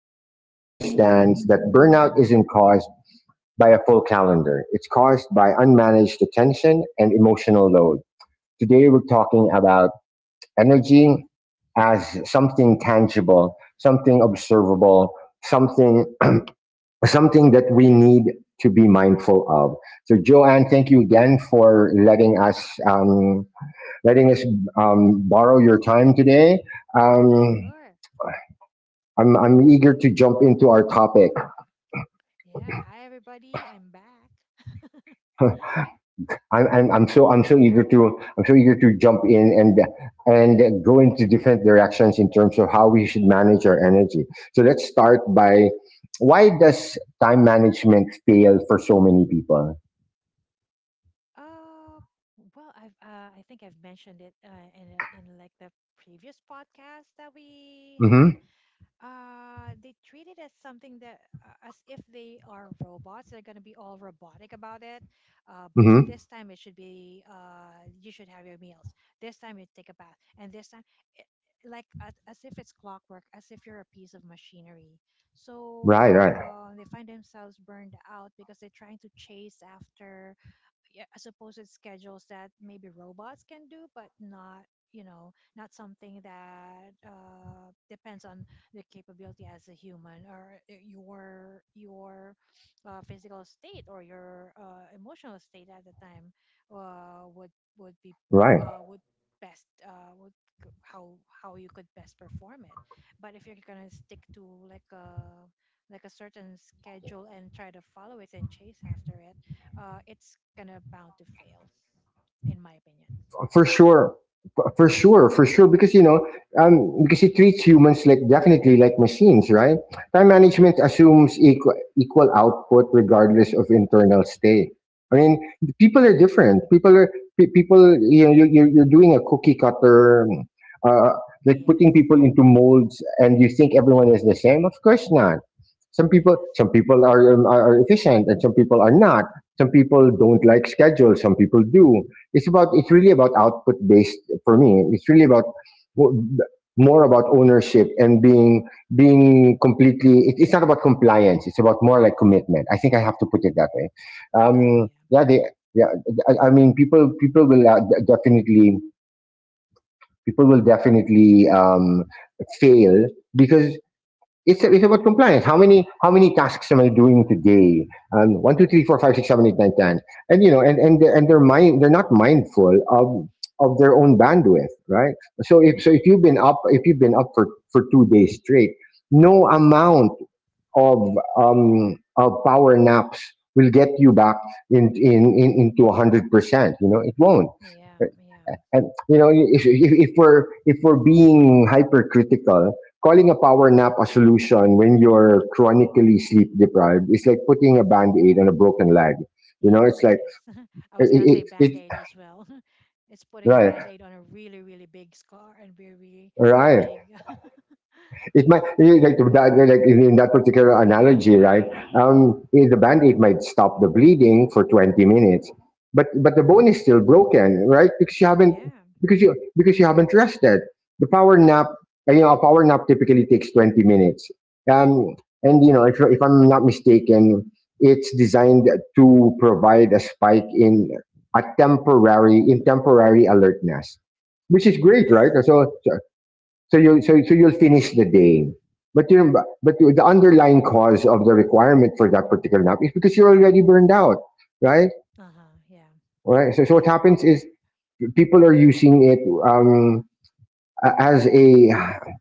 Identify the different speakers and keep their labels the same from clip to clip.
Speaker 1: by someone who understands that burnout isn't caused by a full calendar, it's caused by unmanaged attention and emotional load. Today, we're talking about energy as something tangible, something observable, something something that we need to be mindful of. So, Joanne, thank you again for letting us borrow your time today. Um,
Speaker 2: Sure.
Speaker 1: I'm eager
Speaker 2: Uh,
Speaker 1: to jump into our topic.
Speaker 2: yeah. Hi, everybody. I'm back.
Speaker 1: I'm, I'm I'm so I'm so eager to I'm so eager to jump in and go into different directions in terms of how we should manage our energy. So let's start by, why does time management fail for so many people?
Speaker 2: Uh, well, I think I've mentioned it, in like the previous podcast that we
Speaker 1: Mm-hmm.
Speaker 2: had. They treat it as something that, as if they are robots. They're going to be all robotic about it. By
Speaker 1: Mm-hmm.
Speaker 2: this time it should be, you should have your meals, this time you take a bath, and this time it, like, as if it's clockwork, as if you're a piece of machinery. So
Speaker 1: Right. Right.
Speaker 2: they find themselves burned out because they're trying to chase after. Yeah, I suppose it's schedules that maybe robots can do, but not, not something that, depends on the capability as a human, or your physical state, or your emotional state at the time. uh, would
Speaker 1: Right.
Speaker 2: would be uh, would best uh, would g- how how you could best perform it. But if you're gonna stick to like a like a certain schedule and try to follow it and chase after it, it's gonna bound to fail, in my opinion.
Speaker 1: For sure, for sure, because because it treats humans like, definitely, like machines, right? Time management
Speaker 2: Yeah.
Speaker 1: assumes equal output regardless of internal state. I mean, people are different. People are pe- people You know, you're doing a cookie cutter, uh like
Speaker 2: Yes.
Speaker 1: putting people into molds, and you think everyone is the same. Of course not. Some people,
Speaker 2: Yes.
Speaker 1: are, are, efficient, and some people are not. Some people don't like schedules, some people do. It's really about output based. For me, it's really about, more about, ownership and being, being completely it's not about compliance, it's about more like commitment. I think I have to put it that way.
Speaker 2: Oh,
Speaker 1: um yeah
Speaker 2: yeah.
Speaker 1: they yeah. I mean, people, people will definitely people will definitely, fail because it's about compliance. How many, tasks am I doing today? One, two, three, four, five, six, seven, eight, nine, ten. And you know, and they're mind they're not mindful of their own bandwidth, right?
Speaker 2: Yeah.
Speaker 1: If you've been up, for 2 days straight, no amount of power naps will get you back in, into 100%. You know, it won't.
Speaker 2: Yeah. Yeah.
Speaker 1: And you know, if we're, being hypercritical, calling a power nap a solution when you're chronically sleep deprived is like putting a band aid on a broken leg. You know,
Speaker 2: Yes.
Speaker 1: it's like,
Speaker 2: Yes. I
Speaker 1: it,
Speaker 2: was gonna say
Speaker 1: it,
Speaker 2: band
Speaker 1: it
Speaker 2: aid as well. It's putting band
Speaker 1: right,
Speaker 2: aid on a really, really big scar, and very, really
Speaker 1: right.
Speaker 2: big.
Speaker 1: It might, like that, like in, that particular analogy, right? The band-aid might stop the bleeding for 20 minutes, but the bone is still broken, right? Because
Speaker 2: Yeah.
Speaker 1: you because you haven't rested. The power
Speaker 2: Yeah.
Speaker 1: nap, you know, a power nap typically takes 20 minutes. Um, and you know, if I'm not mistaken, it's designed to provide a spike in, a temporary in temporary alertness, which is great,
Speaker 2: Yes.
Speaker 1: right? So you'll, so you'll finish the day. But you but the underlying cause of the requirement for that particular nap is because you're already burned out, right?
Speaker 2: Uh huh. Yeah.
Speaker 1: All right. So, what
Speaker 2: Yeah.
Speaker 1: happens
Speaker 2: Mm-hmm.
Speaker 1: is people are using it, um, a- as a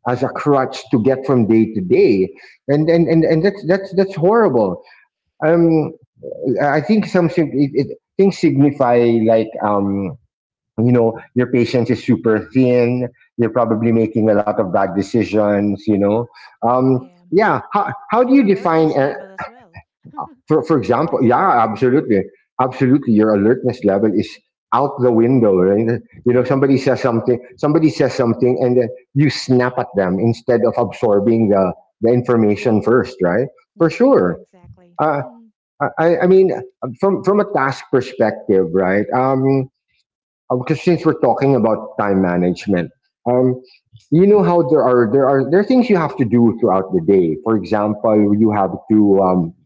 Speaker 1: as a crutch to get from day to day, and and that's,
Speaker 2: Mm-hmm.
Speaker 1: that's horrible. Um, I think some, things signify, like um you know, your patience is super thin, you're probably making a lot of bad decisions, you know.
Speaker 2: Yeah.
Speaker 1: Yeah how do
Speaker 2: And
Speaker 1: you
Speaker 2: the
Speaker 1: define,
Speaker 2: alertness level as well.
Speaker 1: for
Speaker 2: It
Speaker 1: example?
Speaker 2: gets
Speaker 1: Yeah,
Speaker 2: affected.
Speaker 1: absolutely. Absolutely, your alertness level is out the window, right? You know, somebody says something, and then you snap at them instead of absorbing the information first, right? For
Speaker 2: Yeah. Yeah.
Speaker 1: sure.
Speaker 2: Exactly.
Speaker 1: uh, I mean, from, a task perspective, right? Because since we're talking about time management, um, you know, how there are, things you have to do throughout the day. For example, you have to,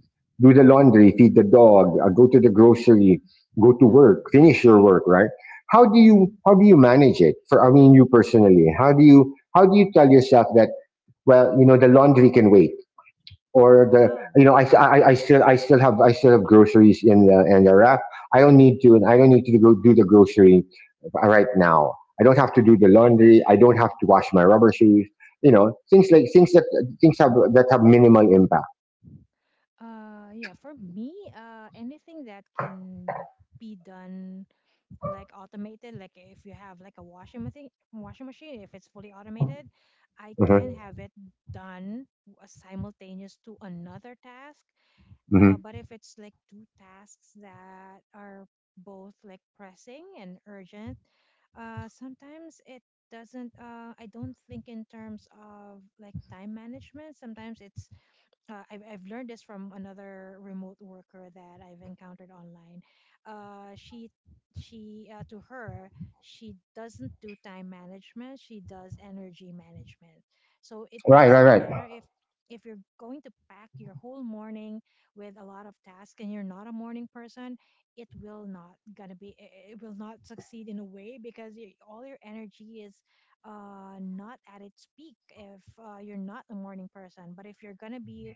Speaker 1: do the laundry, feed the dog, go to the grocery, go to
Speaker 2: Uh,
Speaker 1: work, finish your work, right? How do you, manage it? For I mean, you personally, how do you, tell yourself that, well, you know, the laundry can wait, or the,
Speaker 2: oh,
Speaker 1: you know,
Speaker 2: okay.
Speaker 1: I still, have groceries in the, rack. I don't need to, go do the grocery right now. I don't have to do the laundry. I don't have to wash my rubber shoes. You know, things like, things have that have minimal impact.
Speaker 2: Yeah, for me, anything that can be done, like automated, like if you have like a washing machine, if it's fully automated, I can
Speaker 1: Mhm,
Speaker 2: have it simultaneous to another task.
Speaker 1: mhm.
Speaker 2: But if it's like two tasks that are both like pressing and urgent, sometimes it doesn't I don't think in terms of like time management. Sometimes it's I've learned this from another remote worker that I've encountered online. Uh, she she To her, she doesn't do time management. She does energy management. So it
Speaker 1: Right, right,
Speaker 2: doesn't
Speaker 1: right.
Speaker 2: matter if you're going to pack your whole morning with a lot of tasks and you're not a morning person, it will not succeed in a way because y all your energy is, not at its peak if, you're not a morning person. But if you're gonna be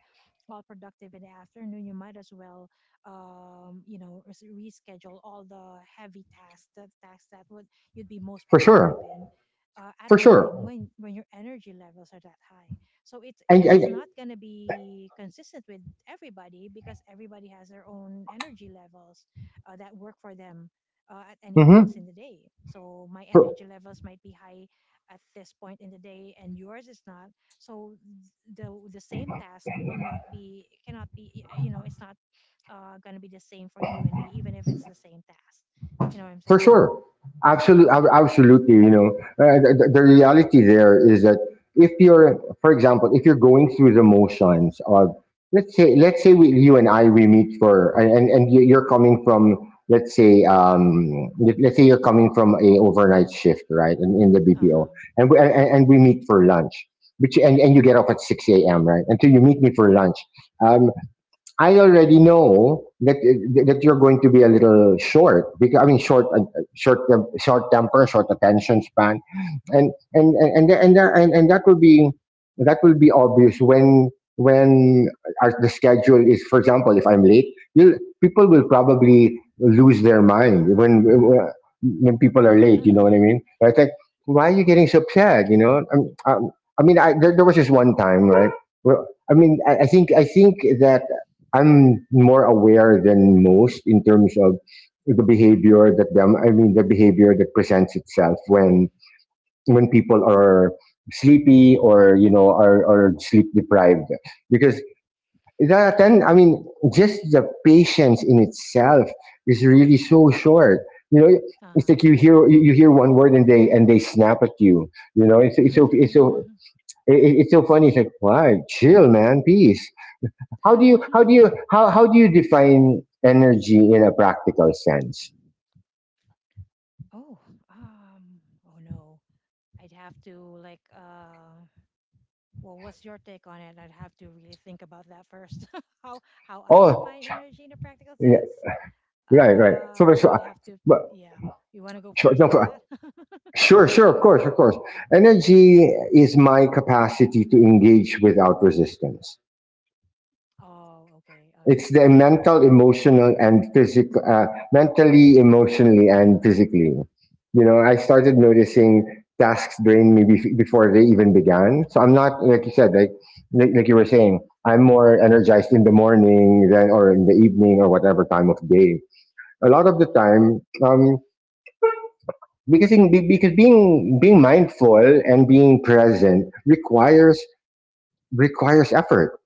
Speaker 2: all productive in the afternoon, you might as well, you know, reschedule all the heavy tasks, the tasks that would you'd be most
Speaker 1: For
Speaker 2: productive
Speaker 1: sure,
Speaker 2: in, at
Speaker 1: for
Speaker 2: a time
Speaker 1: sure.
Speaker 2: when your energy levels are that high. So it's it,
Speaker 1: And,
Speaker 2: it's
Speaker 1: and
Speaker 2: not gonna be consistent with everybody, because everybody has their own energy levels, that work for them. At any points
Speaker 1: mhm.
Speaker 2: in the day, so my
Speaker 1: for,
Speaker 2: energy levels might be high at this point in the day, and yours is not. So the same task will not be cannot be it's not gonna be the same for you and me, even if it's the same task, you know what I'm
Speaker 1: For
Speaker 2: saying?
Speaker 1: sure. Absolutely.
Speaker 2: Yeah.
Speaker 1: Absolutely. You know, the, reality there is that if you're, for example, if you're going through the motions of, let's say, we, you and I, we meet for, and, you're coming from, let's say, let's say you're coming from a overnight shift, right? In, the BPO,
Speaker 2: Uh-huh.
Speaker 1: and we, and we meet for lunch, which, and you get off at 6 a.m., right? Until you meet me for lunch. um. I already know that you're going to be a little short. Because I mean short, short, short temper, short attention span. And that will be, obvious when, when our, the schedule is, for example, if I'm late, you'll, people will probably lose their mind when, people are late. You know what I mean? It's like, why are you getting so upset? You know? I mean, there, was this one time, right, where, I think, that I'm more aware than most in terms of the behavior that, them I mean the behavior that presents itself when, people are sleepy, or, you know, are, sleep deprived. Because that then I mean just the patience in itself is really so short, you know. It's like,
Speaker 2: um
Speaker 1: you hear one word, and they, snap at you. You know, it's so, it's so funny. It's like, why? Chill, man. Peace. How do you, how do you define energy in a practical sense?
Speaker 2: oh. um oh, no, I'd have to like well, what's your take on it? I'd have to really think about that first. how how I
Speaker 1: oh
Speaker 2: define energy in a practical
Speaker 1: yeah,
Speaker 2: sense.
Speaker 1: right, right. so,
Speaker 2: I
Speaker 1: so
Speaker 2: would have to
Speaker 1: but
Speaker 2: Yeah, you want to go
Speaker 1: so
Speaker 2: first
Speaker 1: no,
Speaker 2: on that?
Speaker 1: Sure, sure, of course, of course. Energy is my capacity to engage without resistance.
Speaker 2: Oh, okay. All right.
Speaker 1: It's the mental, emotional, and physical, mentally, emotionally, and physically. You know, I started noticing tasks drain me before they even began. So I'm not, like you said, like, like you were saying, I'm more energized in the morning than, or in the evening, or whatever time of day, a lot of the
Speaker 2: Uh-huh.
Speaker 1: time. Because because being, mindful and being present requires, effort,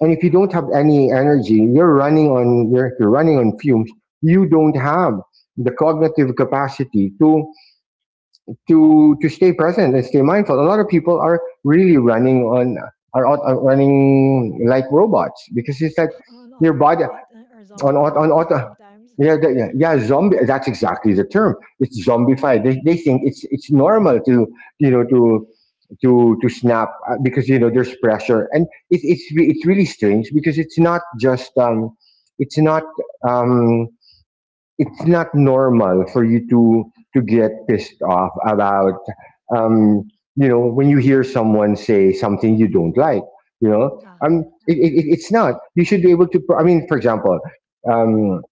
Speaker 1: and if you don't
Speaker 2: Uh-huh.
Speaker 1: have any energy, you're running on, you're running on fumes. You don't have the cognitive capacity to, to stay present and stay mindful. A lot of people are really running on, are, are running like robots, because it's like
Speaker 2: On
Speaker 1: your body
Speaker 2: autopilot, or
Speaker 1: on, on
Speaker 2: zombified
Speaker 1: auto.
Speaker 2: sometimes.
Speaker 1: Yeah, yeah, yeah, zombie. That's exactly the term. It's zombified. They think it's normal to, you know, to, to snap, because you know there's pressure. And it's it's really strange, because it's not just, it's not, um it's not normal for you to, get pissed off about, um you know, when you hear someone say something you don't like. You know,
Speaker 2: Uh-huh. Okay.
Speaker 1: it's not. You should be able to, I mean, for example. Um,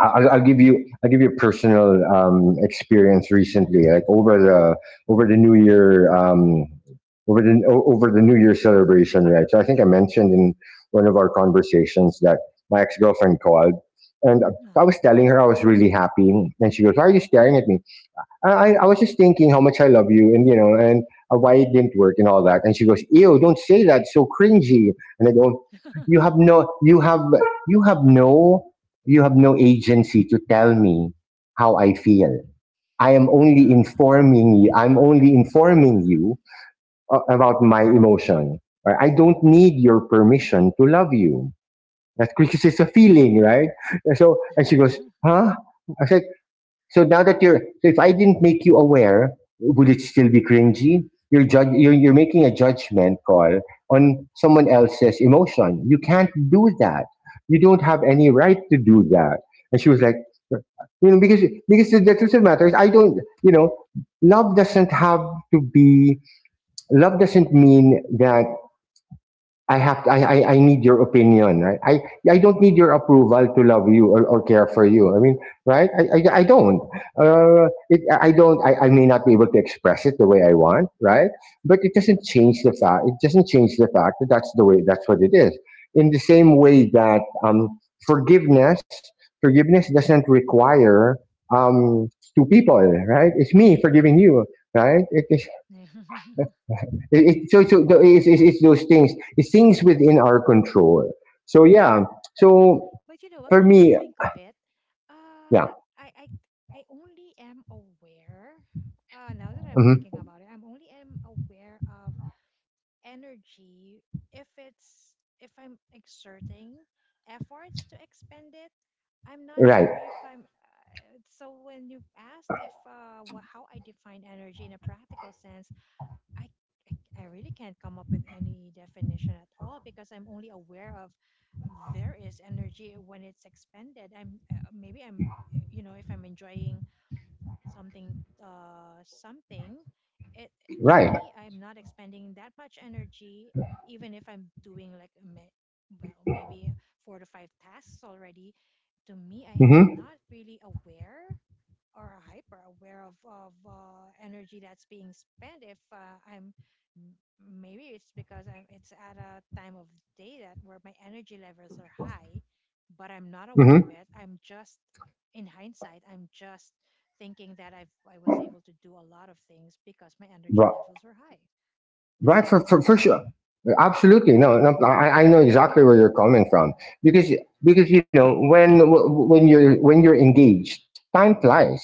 Speaker 1: I'll give you, a personal experience recently. Like over the, New Year, over the over the New Year celebration, right? So I think I mentioned in one of our conversations that my ex girlfriend called, and I was telling her I was really happy, and she goes, "Why are you staring at me?" I was just thinking how much I love you, and, you know, and, why it didn't work and all that. And she goes, ew, don't say that. So cringy. And I go, you have
Speaker 2: Uh-huh.
Speaker 1: no, you have no, you have no agency to tell me how I feel. I am only
Speaker 2: Uh-huh.
Speaker 1: informing you. I'm only informing you about my emotion. Right? I don't need your permission to love you. That's because it's a feeling, right? And she goes, huh? I said, so if I didn't make you aware, would it still be cringy? You're making a judgment call on someone else's emotion. You can't do that. You don't have any right to do that. And she was like, you know, because because the truth of the matter is, I don't, you know, love doesn't have to be. Love doesn't mean that I need your opinion, right? I don't need your approval to love you or care for you. I mean, right? I don't. It, I don't. I may not be able to express it the way I want, right? But it
Speaker 2: Yeah.
Speaker 1: doesn't change the fact. It doesn't change the fact that that's the way. That's what it is. In the same way that forgiveness forgiveness doesn't require um, two people, right? It's me forgiving you, right? It is
Speaker 2: Yeah.
Speaker 1: it, it- so so the- it's those things. It's things within our control. So yeah. So
Speaker 2: But you know what,
Speaker 1: for
Speaker 2: come to
Speaker 1: me,
Speaker 2: think of it,
Speaker 1: yeah.
Speaker 2: uh I I I only am aware, now that I'm
Speaker 1: Hmm.
Speaker 2: thinking about it, I'm only am aware of energy if it's if I'm exerting efforts to expend it. I'm not
Speaker 1: Right.
Speaker 2: sure if I'm so when you asked if, how I define energy in a practical sense, i i I really can't come up with any definition at all, because I'm only aware of, there is energy when it's expended. I'm Maybe I'm you know, if I'm enjoying something, uh something it to
Speaker 1: Right.
Speaker 2: me I'm not expending that much energy, even if I'm doing like well, maybe four to five tasks already. To me, I'm
Speaker 1: Hmm.
Speaker 2: not really aware, or hyper aware of energy that's being spent. If, m- maybe it's because I'm it's at a time of day that where my energy levels are high, but I'm not
Speaker 1: Hmm.
Speaker 2: aware of it. I'm just, in hindsight, I'm just thinking that I was able to do a lot of things because my energy
Speaker 1: Right.
Speaker 2: levels were high. Does
Speaker 1: Right.
Speaker 2: that
Speaker 1: For,
Speaker 2: make
Speaker 1: for for
Speaker 2: sense?
Speaker 1: sure. Absolutely. No. No, I know exactly where you're coming from because because when you're engaged, time flies.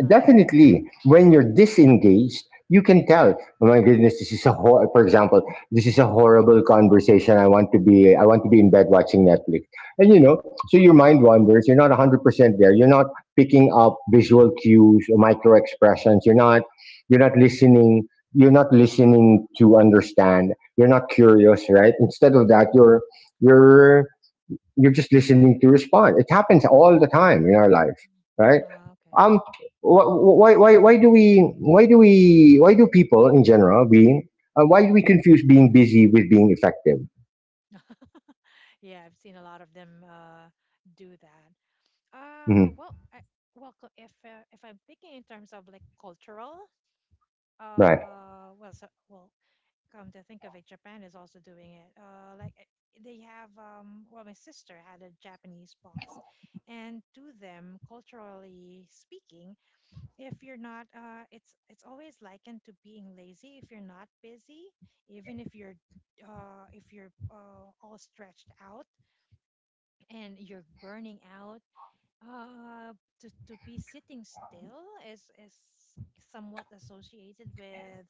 Speaker 2: Uh huh. Yeah.
Speaker 1: Definitely, when you're disengaged, you can tell. Oh my goodness, this is a hor- for example, this is a horrible conversation. I want to be in bed watching Netflix, and so your mind wanders. You're not 100% there. You're not picking up visual cues or micro expressions. You're not listening. You're not listening to understand. You're not curious, right? Instead of that, you're, you're just listening to respond. It happens all the time in our life, right?
Speaker 2: Okay.
Speaker 1: Um, wh- why, why, why do we, why do we, why do people in general being, why do we confuse being busy with being effective?
Speaker 2: Yeah, I've seen a lot of them, do that. Uh,
Speaker 1: Hmm.
Speaker 2: well, I, if, if I'm thinking in terms of like cultural,
Speaker 1: Right.
Speaker 2: well, come to think of it, Japan is also doing it. Like, they have, well, my sister had a Japanese boss, and to them, culturally speaking, if you're not, it's always likened to being lazy if you're not busy, even if you're all stretched out and you're burning out, uh, to be sitting still is somewhat associated with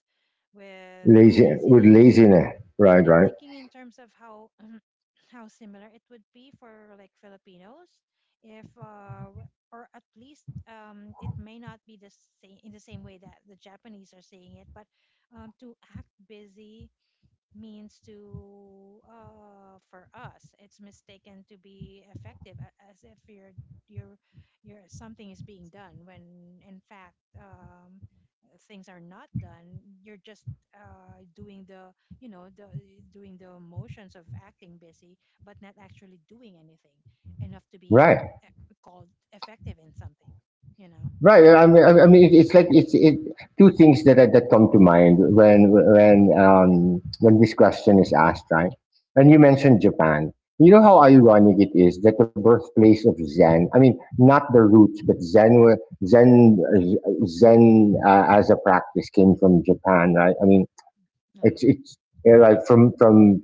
Speaker 2: with a
Speaker 1: Lazy with
Speaker 2: laziness,
Speaker 1: laziness. Right,
Speaker 2: and I'm
Speaker 1: right,
Speaker 2: thinking in terms of how how similar it would be for like Filipinos, if w- or at least, it may not be the same in the same way that the Japanese are saying it, but, to act busy means to for us, it's mistaken to be effective, as if you're you're something is being done, when in fact, things are not done. You're just, doing the you know the doing the motions of acting busy, but not actually doing anything enough to be
Speaker 1: right.
Speaker 2: called effective in something. You know.
Speaker 1: Right. I mean, it's like two things that come to mind when this question is asked, right? And you mentioned Japan. You know how
Speaker 2: Mm-hmm.
Speaker 1: ironic it is that the birthplace of Zen. I mean, not the roots, but Zen wa- Zen Zen as a practice, came from Japan, right? I mean,
Speaker 2: Uh huh.
Speaker 1: it's yeah, like from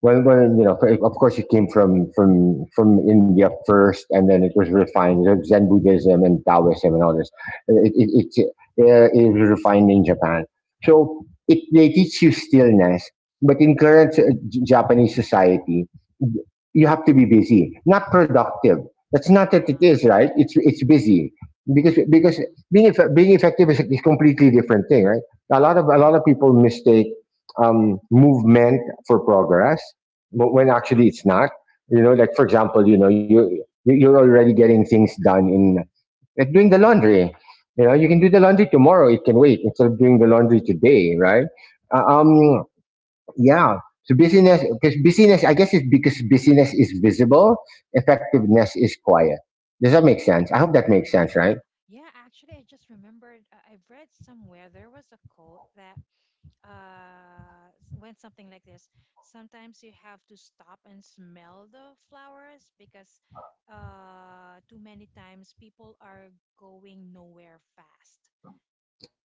Speaker 1: when of course, it came from India first, and then it was refined. There's Zen Buddhism and Taoism and all this. It it it's, it was refined in Japan. So it they teach you stillness, but in current Japanese society, you have to be busy, not productive. That's not
Speaker 2: Uh
Speaker 1: that it is
Speaker 2: huh.
Speaker 1: right. It's busy because
Speaker 2: Uh
Speaker 1: because
Speaker 2: huh.
Speaker 1: being effective is a is completely different thing, right? A lot of
Speaker 2: Mm-hmm.
Speaker 1: people mistake movement for progress, but when actually it's not. Like for
Speaker 2: Uh huh.
Speaker 1: example, you're already getting things done in, like, doing the laundry. You can
Speaker 2: Uh
Speaker 1: do the
Speaker 2: huh.
Speaker 1: laundry tomorrow. It can wait instead of doing the laundry today, right?
Speaker 2: Uh
Speaker 1: Uh,
Speaker 2: huh.
Speaker 1: um yeah, so busyness, because busyness, I guess it's because busyness is visible. Effectiveness is quiet. Does that make sense? I hope that
Speaker 2: Oh,
Speaker 1: makes
Speaker 2: yeah,
Speaker 1: sense,
Speaker 2: yeah,
Speaker 1: right?
Speaker 2: yeah. Yeah, actually, I just remembered. I've read somewhere there was a quote that went something like this: sometimes you have to stop and smell the flowers, because, too many times people are going nowhere fast.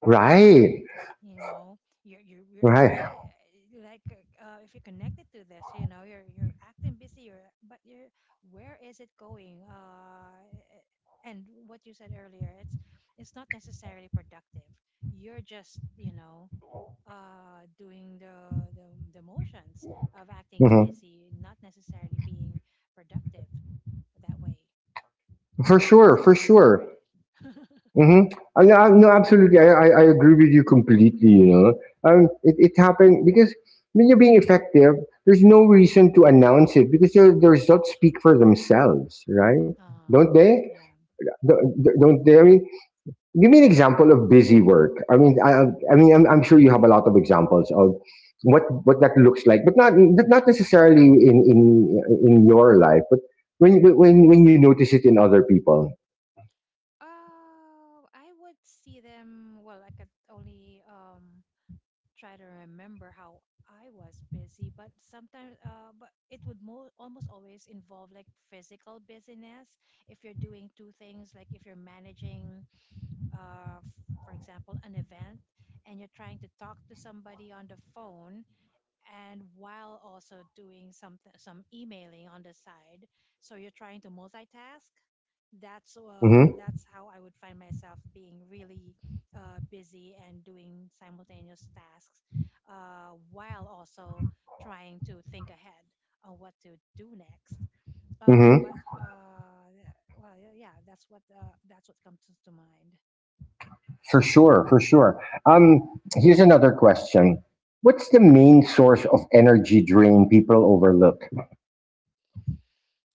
Speaker 1: Right,
Speaker 2: You know, you're acting,
Speaker 1: right.
Speaker 2: like, if you're connected to this. You know you're acting busy, you're, where is it going? And what you said earlier, it's not necessarily productive. You're just, you know, doing the motions of acting
Speaker 1: Mhm.
Speaker 2: busy, not necessarily being productive that way.
Speaker 1: For
Speaker 2: And
Speaker 1: sure,
Speaker 2: that's how I
Speaker 1: for sure.
Speaker 2: remembered it.
Speaker 1: Mhm. No, no, absolutely. I agree with you completely. It happened because when you're being effective, there's no reason to announce it because the results speak for themselves, right? Don't
Speaker 2: um
Speaker 1: they?
Speaker 2: yeah.
Speaker 1: Don't they? I mean, give me an example of busy work. I mean, I'm sure you have a lot of examples of what that looks like, but not necessarily in your life, but when you notice it in other people.
Speaker 2: Oh, I would see them. Well, I could only, try to remember how I was busy, but sometimes, but it would mo almost always involve like physical busyness. If you're doing two things, like if you're managing, for example, an event, and you're trying to talk to somebody on the phone, and while also doing some emailing on the side, so you're trying to multitask.
Speaker 1: Mm-hmm.
Speaker 2: That's how I would find myself being really, busy, and doing simultaneous tasks, while also trying to think ahead on what to do next.
Speaker 1: Mm-hmm.
Speaker 2: But Yeah, well, yeah, yeah, that's what comes to mind.
Speaker 1: For sure, for sure. Um, here's another question. What's the main source of energy drain people overlook?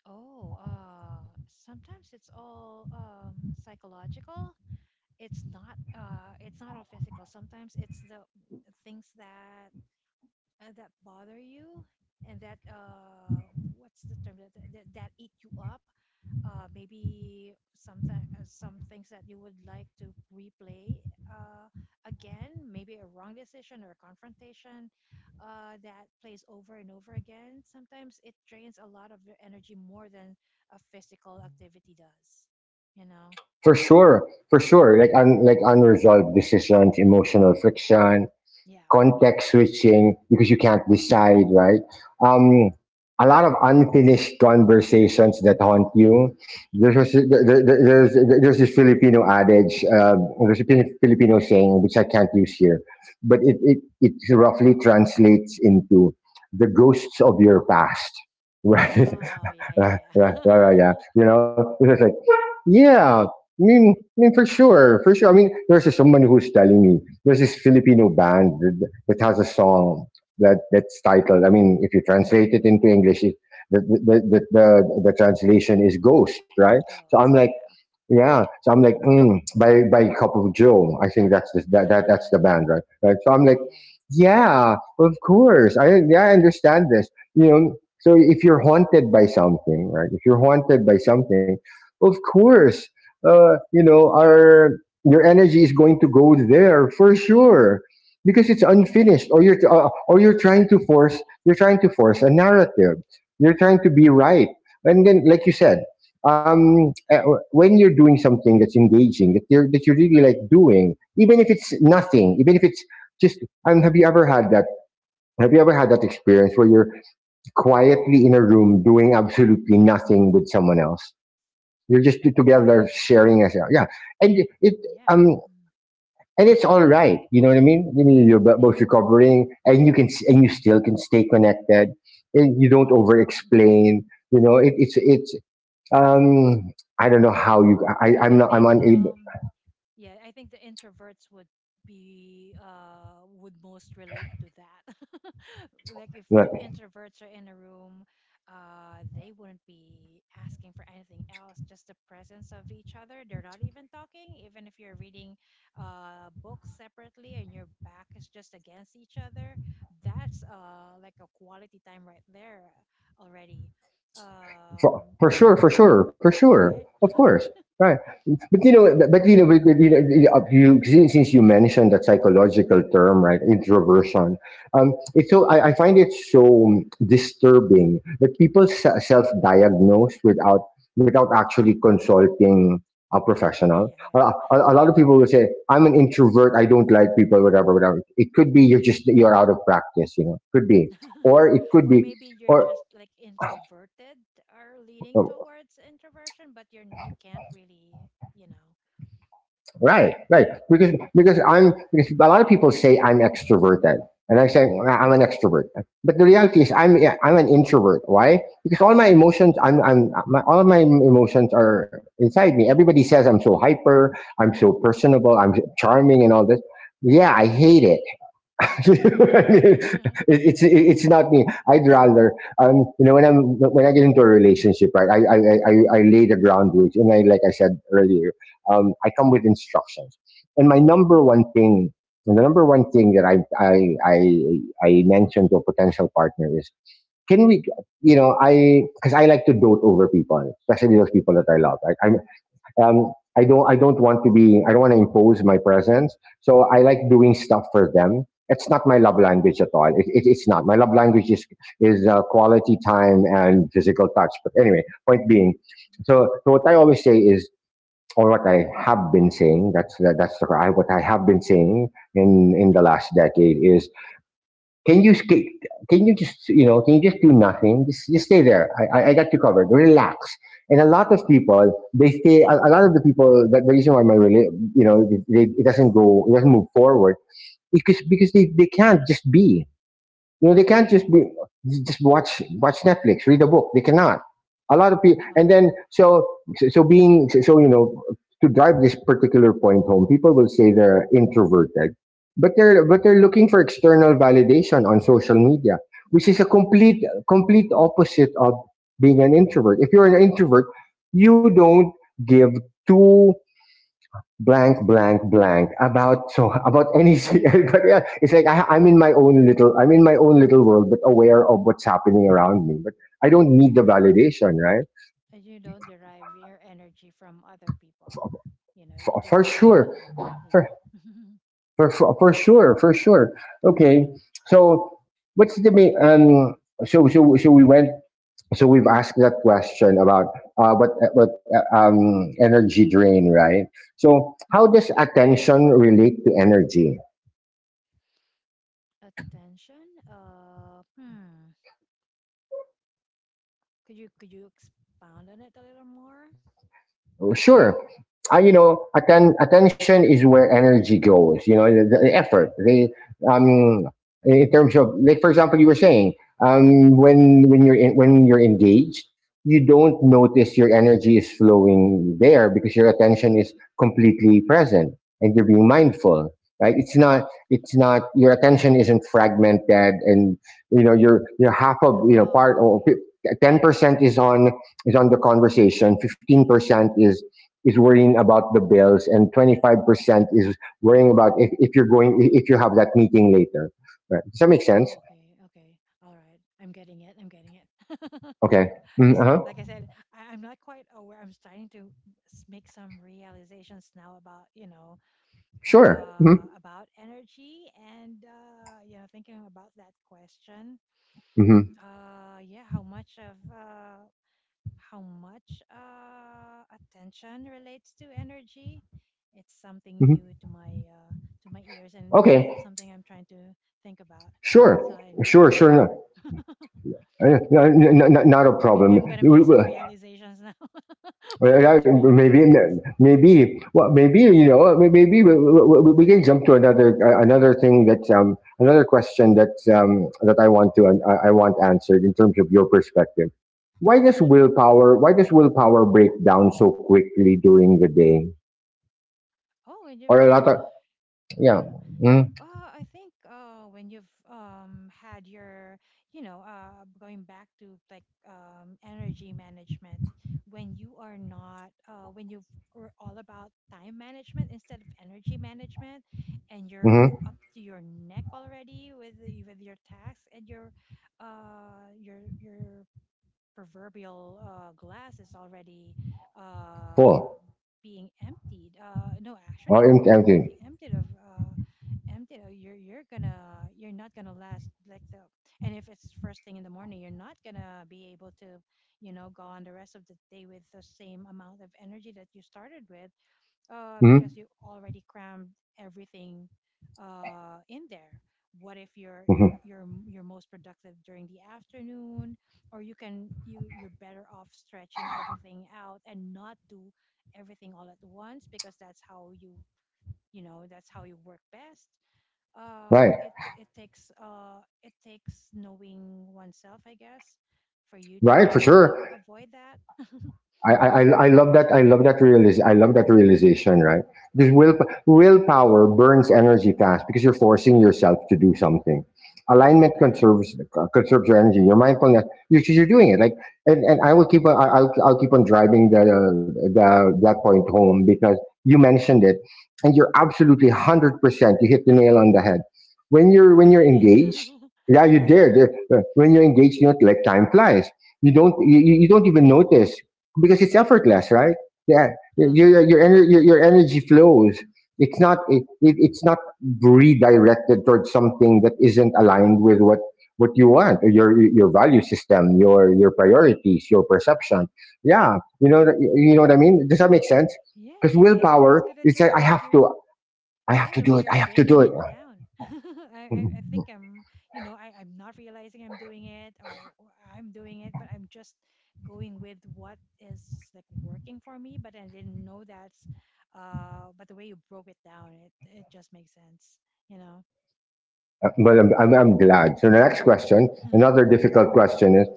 Speaker 2: Oh, sometimes it's all, psychological. It's not all physical. Sometimes it's the things that, that bother you, and that, what's the term, that, that eat you up. Maybe sometimes, some things that you would like to replay, uh again, maybe a wrong decision or a confrontation, that plays over and over again. Sometimes it drains a lot of your energy more than a physical activity does, you know.
Speaker 1: For sure, for sure. Like unresolved decisions, emotional friction,
Speaker 2: Yeah. Yeah.
Speaker 1: context switching because you can't decide, right? Um, a lot of unfinished conversations that haunt you. There's was, there- there's this Filipino adage, there's a Filipino saying which I can't use here, but it roughly translates into the ghosts of your past, right?
Speaker 2: Oh, yeah,
Speaker 1: Right,
Speaker 2: yeah,
Speaker 1: right, right, right, yeah.
Speaker 2: yeah.
Speaker 1: It's just like, yeah, I mean, for sure, for sure. I mean, there's this, someone who's telling me there's this Filipino band that has a song that's titled. I mean, if you translate it into English, it, the translation is ghost, right? So I'm
Speaker 2: Ghost,
Speaker 1: like,
Speaker 2: yeah.
Speaker 1: yeah, by Cup of Joe. I think that's the band, right? Right. So I'm like,
Speaker 2: Yeah,
Speaker 1: yeah, of course. I understand this. So if you're haunted by something, right? If you're haunted by something, of course, you know, our your energy is going to go there for sure because it's unfinished,
Speaker 2: yeah.
Speaker 1: or you're uh, or you're trying to force a narrative. You're trying to be right, and then, like you
Speaker 2: Yeah.
Speaker 1: said, um, uh, when you're doing something that's engaging, that you really like doing, even if it's nothing, even if it's just. And have you ever had that? Have you ever had that experience where you're quietly in a room doing absolutely nothing with someone else? You're just
Speaker 2: Oh, yeah.
Speaker 1: together sharing, as yeah, and it
Speaker 2: Yeah.
Speaker 1: um
Speaker 2: Mm.
Speaker 1: and it's all right. You know what I mean? I mean, you're
Speaker 2: Yeah.
Speaker 1: both
Speaker 2: Mm.
Speaker 1: recovering, and you can, and you still can stay connected, and you don't
Speaker 2: Yeah.
Speaker 1: over
Speaker 2: Mhm.
Speaker 1: explain. You know, it, it's um, I don't know how you. I,
Speaker 2: I
Speaker 1: I'm not.
Speaker 2: think,
Speaker 1: I'm unable.
Speaker 2: yeah, I think the introverts would be would most relate to that. Like if two introverts are in a room, they wouldn't be asking for anything else, just the presence of each other. They're not even talking, even if you're reading, books separately, and your back is just against each other. That's, like, a quality time right there already.
Speaker 1: For,
Speaker 2: Um
Speaker 1: for sure. For sure. For sure.
Speaker 2: right?
Speaker 1: Of course. Right. But since you mentioned that psychological term, right, introversion, I find it so disturbing that people self-diagnose without actually consulting a
Speaker 2: Yeah,
Speaker 1: professional.
Speaker 2: yeah.
Speaker 1: A lot of
Speaker 2: Yeah,
Speaker 1: people will say, "I'm an introvert. I don't like people, whatever, whatever." It could be you're out of practice. Could be, or it could
Speaker 2: or
Speaker 1: be,
Speaker 2: maybe you're
Speaker 1: or
Speaker 2: just like introverted, or leading towards introversion, but you can't really, you know.
Speaker 1: right, right. Because a lot of people say I'm extroverted, and I say, "Well, I'm an
Speaker 2: Mm-hmm.
Speaker 1: extrovert." But the reality is I'm an introvert. Why? Because all my emotions, all of my emotions are inside me. Everybody says I'm so hyper, I'm so personable, I'm so charming, and all this. Yeah, I hate it. I mean, it's not me. I'd rather when I get into a relationship, right? I lay the groundwork, and, I like I said earlier, I come with instructions. And my number one thing, and the number one thing that I I mentioned to a potential partner is, can we, I, because I like to dote over people, especially those people that I love, right? I'm, um, I don't want to be, I don't want to impose my presence. So I like doing stuff for them. It's not my love
Speaker 2: Uh-huh.
Speaker 1: language at all. It's not my love language, is quality time and physical touch. But anyway, point being, so what I always say is, or what I have been saying, that's what I have been saying in the
Speaker 2: Uh-huh.
Speaker 1: last decade is, can you sk- can you just you know can you just do nothing? Just stay there. I got you covered. Relax. And a lot of people, they stay. A lot of the people, that, the reason why my rela- it doesn't go, it doesn't move forward, is because they can't just be, they
Speaker 2: Uh-huh.
Speaker 1: can't just be, just watch Netflix, read a book. They cannot. A lot of people, and then
Speaker 2: Wow.
Speaker 1: so so so being so you know to drive this particular point home, people will say they're introverted, but they're looking for external validation on social media, which is a
Speaker 2: Yeah.
Speaker 1: complete opposite of being an introvert. If you're an introvert, you don't give two blank blank blank about but yeah, it's like I'm in my own little world, but aware of what's happening around me. But I don't need the validation, right?
Speaker 2: And you don't derive your energy from other people, you know, you
Speaker 1: For
Speaker 2: just,
Speaker 1: sure.
Speaker 2: um
Speaker 1: for,
Speaker 2: yeah.
Speaker 1: for sure, Okay. So what's the main so so so we went so we've asked that question about what— what uh, um energy drain, right? So how
Speaker 2: Hmm.
Speaker 1: does attention relate to energy?
Speaker 2: Attention, hmm. Could you expound on it a little more?
Speaker 1: Sure. You know, attention is where energy goes. You know, the effort. The um, in terms of, like, for example, you were saying, when you're in, when you're engaged, you don't notice your energy is flowing there because your attention is completely present and you're being mindful. Right? It's not. Your attention isn't fragmented, and, you know, you're half of, you know, part—
Speaker 2: Oh,
Speaker 1: or
Speaker 2: okay.
Speaker 1: 10% is on the conversation. 15% is worrying about the bills, and 25% is worrying about if you're going, if you have that meeting later. Right? Does that make sense?
Speaker 2: Oh, okay, okay. All right. I'm getting it. I'm getting it.
Speaker 1: Okay. Mm,
Speaker 2: Because,
Speaker 1: uh-huh.
Speaker 2: like I said, I'm not quite aware. I'm starting to make some realizations now about,
Speaker 1: Sure. Mm-hmm.
Speaker 2: about energy and, thinking about that question.
Speaker 1: Mm-hmm.
Speaker 2: Yeah, how much of, how much attention relates to energy? It's something new
Speaker 1: Mm-hmm.
Speaker 2: to my ears, and that's
Speaker 1: Okay.
Speaker 2: something I'm trying to think about. So
Speaker 1: Sure.
Speaker 2: I
Speaker 1: Sure.
Speaker 2: needed
Speaker 1: Sure.
Speaker 2: more.
Speaker 1: No. Not a
Speaker 2: Maybe
Speaker 1: problem.
Speaker 2: I'm gonna make some realizations now while
Speaker 1: Well,
Speaker 2: we're doing the
Speaker 1: maybe,
Speaker 2: podcast.
Speaker 1: maybe, well, maybe, you know, maybe we can jump to another another thing— that another question that I want to, and I want answered in terms of your perspective.
Speaker 2: Oh,
Speaker 1: Why
Speaker 2: okay,
Speaker 1: does
Speaker 2: sure.
Speaker 1: willpower— why does willpower break down so quickly during the day?
Speaker 2: Oh, and you've
Speaker 1: Or a lot of, yeah,
Speaker 2: yeah. I think when you've had your you know, going back to like energy management, when you are not when you've are all about time management instead of energy management, and you're
Speaker 1: mm-hmm,
Speaker 2: up to your neck already with your tasks and your your proverbial glass is already uh,
Speaker 1: full
Speaker 2: being emptied. No,
Speaker 1: or
Speaker 2: actually, you're gonna
Speaker 1: empty.
Speaker 2: be emptied of emptied. You're gonna you're not gonna last like the. And if it's first thing in the morning, you're not gonna be able to, you know, go on the rest of the day with the same amount of energy that you started with because
Speaker 1: Mm-hmm,
Speaker 2: you already crammed everything in there. What if you're you're
Speaker 1: hmm.
Speaker 2: you're you're most productive during the afternoon, or you can you're better off stretching everything out and not do everything all at once because that's how you you know that's how you work best.
Speaker 1: Right,
Speaker 2: It takes it takes knowing oneself, I guess, for you to
Speaker 1: right,
Speaker 2: be
Speaker 1: for
Speaker 2: able
Speaker 1: sure.
Speaker 2: to avoid that.
Speaker 1: I love that. I love that I love that realization, right? Because willpower burns energy fast because you're forcing yourself to do something. Alignment
Speaker 2: Um,
Speaker 1: conserves your energy. Your mindfulness, you're doing it. Like, and I will keep on. I'll keep on driving the— that point home because you mentioned it, and you're absolutely 100%. You hit the nail on the head.
Speaker 2: oh,
Speaker 1: When
Speaker 2: really?
Speaker 1: you're
Speaker 2: I did.
Speaker 1: engaged—
Speaker 2: uh
Speaker 1: yeah, you
Speaker 2: huh.
Speaker 1: dare. There. When you're engaged, you know, like, time flies. You don't even notice because it's effortless, right? Yeah,
Speaker 2: Uh huh.
Speaker 1: your energy flows. It's not redirected towards something that isn't aligned with what— what you want, or your— your value system, your— your priorities, your perception. Yeah, you know that— you know what I mean. Does that make sense?
Speaker 2: Yeah,
Speaker 1: Because
Speaker 2: yeah, yeah. It's
Speaker 1: willpower,
Speaker 2: good that
Speaker 1: it's
Speaker 2: you're
Speaker 1: like, I
Speaker 2: like
Speaker 1: have
Speaker 2: you're
Speaker 1: to. I have
Speaker 2: yeah,
Speaker 1: to
Speaker 2: the way
Speaker 1: do it. I
Speaker 2: you're
Speaker 1: have to do
Speaker 2: breaking
Speaker 1: it.
Speaker 2: it down. I,
Speaker 1: Uh,
Speaker 2: I I think I'm you know, I'm not realizing I'm doing it or I'm doing it, but I'm just going with what is like working for me, but I didn't know that's but the way you broke it down, it just makes sense, you know.
Speaker 1: But I'm glad. So the next question, another difficult question, is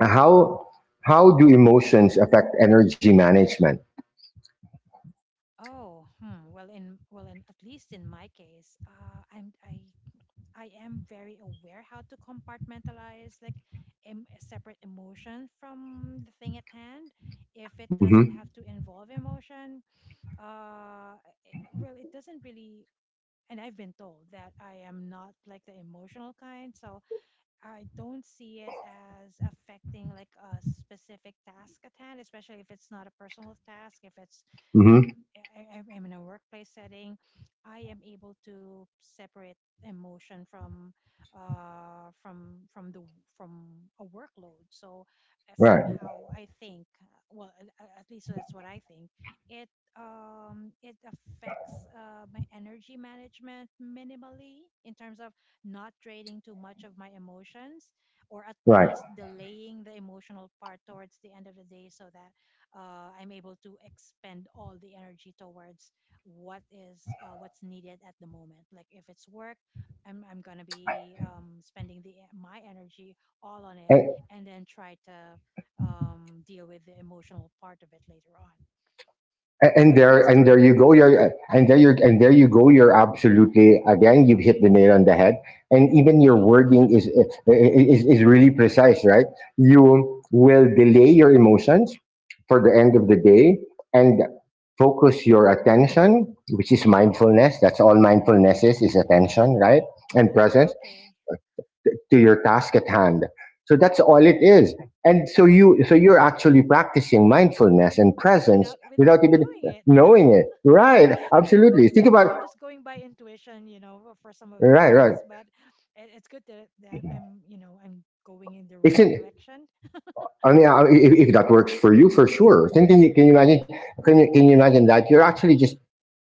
Speaker 1: how— how do emotions affect energy management?
Speaker 2: Oh, hmm. Well, in well, in at least in my case, I I am very aware how to compartmentalize like separate emotion from the thing at hand. If it doesn't
Speaker 1: Hmm.
Speaker 2: have to involve emotion, uh, it, well, it doesn't really. And I've been told that I am not like the emotional kind, so I don't see it as affecting like a specific task at hand, especially if it's not a personal task, if it's like
Speaker 1: Hmm.
Speaker 2: I'm in a workplace setting, I am able to separate emotion from the from a workload, so
Speaker 1: Right.
Speaker 2: somehow I think well, at least that's what I think it it affects my energy management minimally in terms of not trading too much of my emotions, or at
Speaker 1: Right.
Speaker 2: least delaying the emotional part towards the end of the day so that I'm able to expend all the energy towards what is what's needed at the moment. Like if it's work, I'm gonna be spending the my energy all on it,
Speaker 1: And,
Speaker 2: and then try to deal with the emotional part of it later on. At least to
Speaker 1: and there
Speaker 2: me,
Speaker 1: you go. You're and there you go. You're absolutely— again, you've hit the nail on the head. And even your
Speaker 2: yay!
Speaker 1: wording is is really precise, right? You will delay your emotions for the end of the day, and focus your attention, which is mindfulness. That's all mindfulness is attention, right? And
Speaker 2: Oh,
Speaker 1: presence
Speaker 2: okay.
Speaker 1: to your task at hand. So that's all it is. And so you so you're actually practicing mindfulness and presence
Speaker 2: Without without
Speaker 1: without even
Speaker 2: knowing it.
Speaker 1: knowing it. Right.
Speaker 2: I'm
Speaker 1: Absolutely.
Speaker 2: going.
Speaker 1: Think
Speaker 2: I'm
Speaker 1: about—
Speaker 2: I'm just going by intuition, you know, for some of the
Speaker 1: right, right.
Speaker 2: things. But it's good that that I'm, you know, I'm going in the right
Speaker 1: Isn't—
Speaker 2: direction.
Speaker 1: I mean, if— if that works for you, for sure. Then can you— can you imagine? Can you— can you imagine that you're actually just—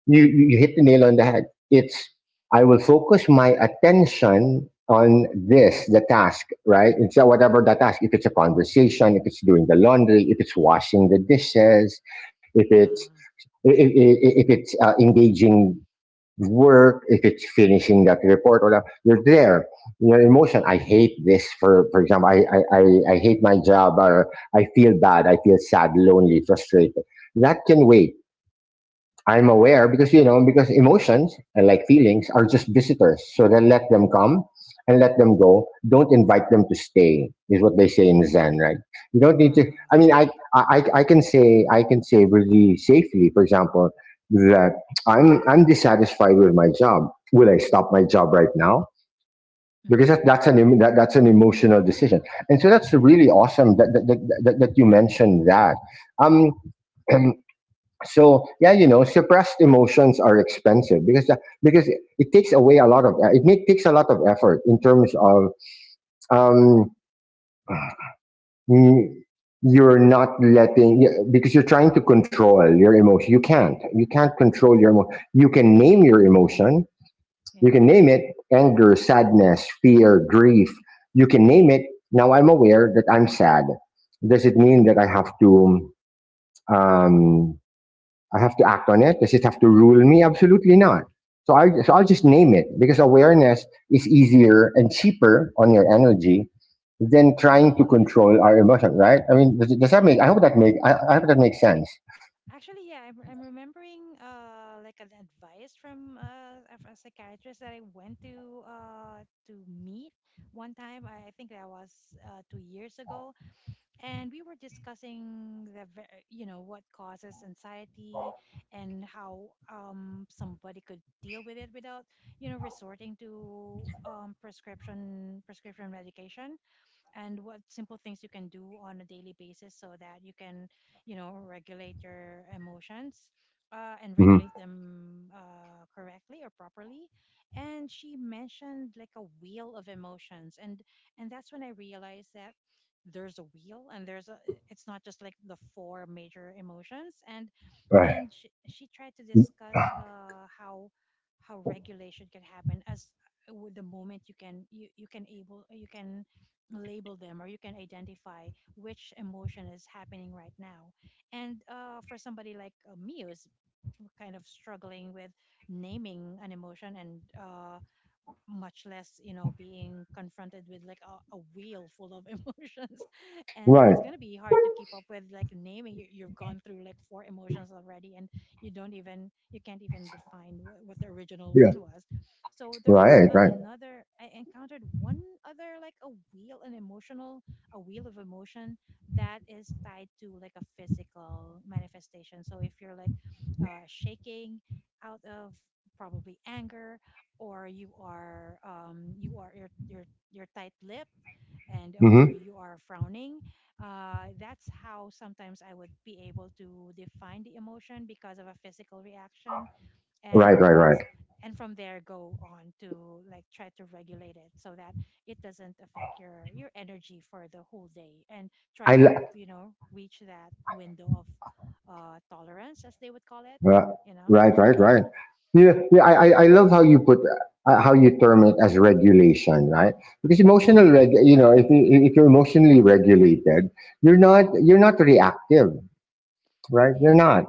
Speaker 1: you hit the nail on the head. It's— I will focus my attention on this, the task, right? It's, whatever that task. If it's a conversation, if it's doing the laundry, if it's washing the dishes, if it's—
Speaker 2: Uh
Speaker 1: if it's, engaging work, if it's finishing that report, or that— you're there. Your emotion— I hate this, for— for example, I hate my job, or I feel bad, I feel sad, lonely, frustrated. That can wait.
Speaker 2: huh.
Speaker 1: I'm aware
Speaker 2: Uh
Speaker 1: because, you know, because emotions and, like, feelings are just visitors. So then, let them come, and let them go. Don't invite them to stay. Is what they say in Zen, right? You don't
Speaker 2: huh.
Speaker 1: need to.
Speaker 2: Oh
Speaker 1: I mean,
Speaker 2: yeah.
Speaker 1: I can say— I can say really safely, for example, that I'm dissatisfied with my job. Will I stop my job right now? Because that—
Speaker 2: Mhm.
Speaker 1: that's an emotional decision. And so that's
Speaker 2: Yeah.
Speaker 1: really
Speaker 2: Yeah.
Speaker 1: awesome that that you mentioned that. Um, so, yeah, you know, suppressed emotions are expensive because, because it— it takes away a lot of, it make— takes a lot of effort in terms of, um mm, you're not letting y— because you're trying to control your emotion. You can't— you can't
Speaker 2: Uh
Speaker 1: control your
Speaker 2: huh.
Speaker 1: emotion. You can name your emotion. You
Speaker 2: Yeah.
Speaker 1: can name it— anger, sadness, fear, grief. You can name it. Now, I'm aware that I'm sad. Does it mean that I have to, um I have to act on it? Does it have to rule me? Absolutely not. So I'll just
Speaker 2: Mhm.
Speaker 1: name it, because awareness is easier and cheaper on your energy than trying to
Speaker 2: Oh yeah.
Speaker 1: control our emotion, right? I mean, does— does that
Speaker 2: Yeah.
Speaker 1: make? I
Speaker 2: I
Speaker 1: hope that make. I hope that makes sense.
Speaker 2: actually, yeah. I'm remembering like an advice from a psychiatrist that I went to meet one time. I think that was 2 years ago, and we were discussing the you know what causes anxiety and how somebody could deal with it without you know resorting to prescription medication, and what simple things you can do on a daily basis so that you can you know regulate your emotions, and
Speaker 1: Hmm.
Speaker 2: regulate them correctly or properly. And she mentioned like a wheel of emotions, and that's when I realized that there's a wheel and there's a it's not just like the four major emotions. And
Speaker 1: Right.
Speaker 2: she tried to discuss how regulation can happen as with the moment you can you can able you can label them, or you can identify which emotion is happening right now. And for somebody like me who's kind of struggling with naming an emotion, and much less you know being confronted with like a wheel full of emotions, and
Speaker 1: Right.
Speaker 2: it's going to be hard to keep up with like naming. You've gone through like four emotions already and you don't even you can't even define what the original
Speaker 1: Yes.
Speaker 2: one was. So there was
Speaker 1: Right. Right.
Speaker 2: another I encountered one other, like a wheel, an emotional a wheel of emotion that is tied to like a physical manifestation. So if you're like shaking out of probably anger, or you are you're, you're tight-lipped and or
Speaker 1: Hmm.
Speaker 2: you are frowning, that's how sometimes I would be able to define the emotion because of a physical reaction.
Speaker 1: Right.
Speaker 2: And
Speaker 1: Right.
Speaker 2: that's
Speaker 1: Right.
Speaker 2: and from there go on to like try to regulate it so that it doesn't affect your energy for the whole day, and try to
Speaker 1: I—
Speaker 2: you know reach that window of tolerance as they would call it,
Speaker 1: Right,
Speaker 2: you know.
Speaker 1: right, right, Yeah, yeah. I love how you put— how you term it as regulation, right? Because emotional reg— you know, if you— if you're emotionally regulated, you're not reactive, right? You're
Speaker 2: Yeah,
Speaker 1: not.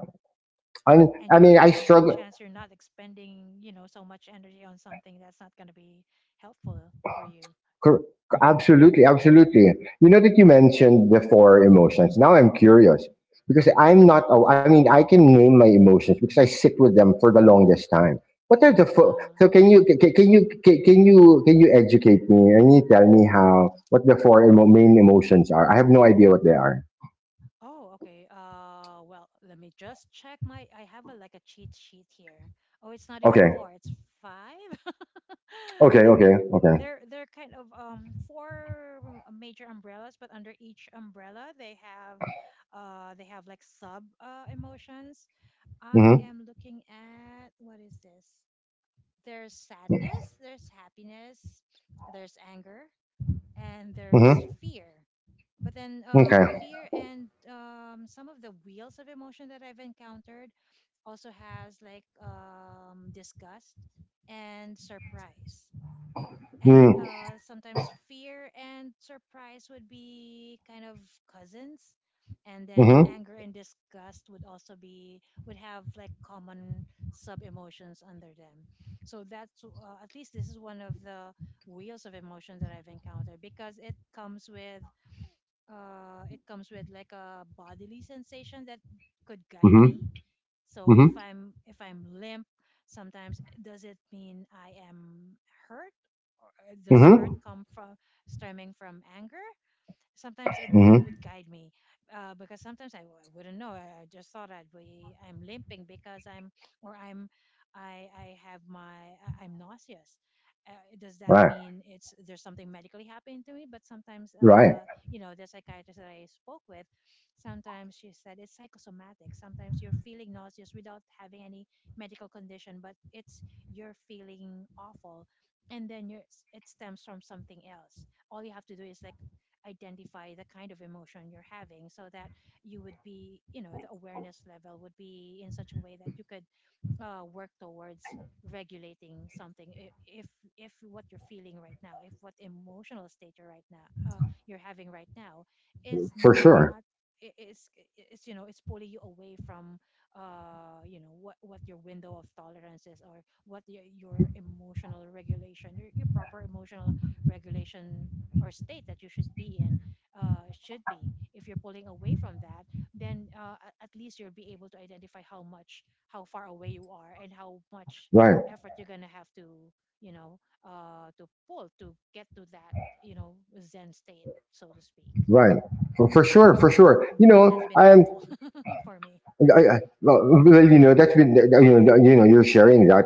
Speaker 1: I mean—
Speaker 2: and
Speaker 1: I
Speaker 2: you're
Speaker 1: mean, I
Speaker 2: there's a good
Speaker 1: struggle.
Speaker 2: chance you're not expending you know so much energy on something that's not going to be helpful for you.
Speaker 1: Cor— absolutely, absolutely. You know, that you mentioned the four emotions. Now, I'm curious, because I'm not. Oh, I mean, I can name my emotions because I sit with them for the longest time. What are the four?
Speaker 2: uh,
Speaker 1: So can you— can you educate me, and you tell me how— what the four emo— main emotions are? I have no idea what they are.
Speaker 2: oh, okay, well, let me just check my I have a like a cheat sheet here. Oh, it's not even
Speaker 1: Okay,
Speaker 2: four, it's five.
Speaker 1: okay,
Speaker 2: There
Speaker 1: okay, okay.
Speaker 2: they're kind of four major umbrellas, but under each umbrella they have like sub emotions. I
Speaker 1: Mm-hmm.
Speaker 2: am looking at what is this. There's sadness, there's happiness, there's anger, and there's
Speaker 1: Mm-hmm.
Speaker 2: fear. But then,
Speaker 1: Okay.
Speaker 2: fear and some of the wheels of emotion that I've encountered also has like disgust and surprise. And
Speaker 1: Mm,
Speaker 2: sometimes fear and surprise would be kind of cousins, and then
Speaker 1: mm-hmm.
Speaker 2: anger and disgust would also be would have like common sub emotions under them. So that's at least this is one of the wheels of emotion that I've encountered, because it comes with like a bodily sensation that could guide
Speaker 1: Mm-hmm.
Speaker 2: me. So
Speaker 1: Mm-hmm.
Speaker 2: if I'm limp, sometimes does it mean I am hurt? Or does hurt
Speaker 1: Mm-hmm.
Speaker 2: come from stemming from anger? Sometimes that
Speaker 1: Mm-hmm.
Speaker 2: would guide me because sometimes I wouldn't know. I just thought I'd be I'm limping because I'm or I'm I have my I'm nauseous. Uh, does that
Speaker 1: Right.
Speaker 2: mean it's there's something medically happening to me? But sometimes,
Speaker 1: Right.
Speaker 2: you know, the psychiatrist that I spoke with, sometimes she said it's psychosomatic. Sometimes you're feeling nauseous without having any medical condition, but it's you're feeling awful, and then you're it stems from something else. All you have to do is like identify the kind of emotion you're having, so that you would be, you know, the awareness level would be in such a way that you could work towards regulating something. If what you're feeling right now if what emotional state you're right now you're having right now is
Speaker 1: For sure.
Speaker 2: not it's you know it's pulling you away from you know what your window of tolerance is, or what your emotional regulation your proper emotional regulation or state that you should be in, should be. If you're pulling away from that, then at least you'll be able to identify how much how far away you are and how much
Speaker 1: Right.
Speaker 2: effort you're gonna have to you know to pull to get to that, you know, zen state, so to speak.
Speaker 1: Right, for— for sure, for sure.
Speaker 2: That has been helpful for me.
Speaker 1: I— I, well, well, you know, that's been— you know, you're sharing that,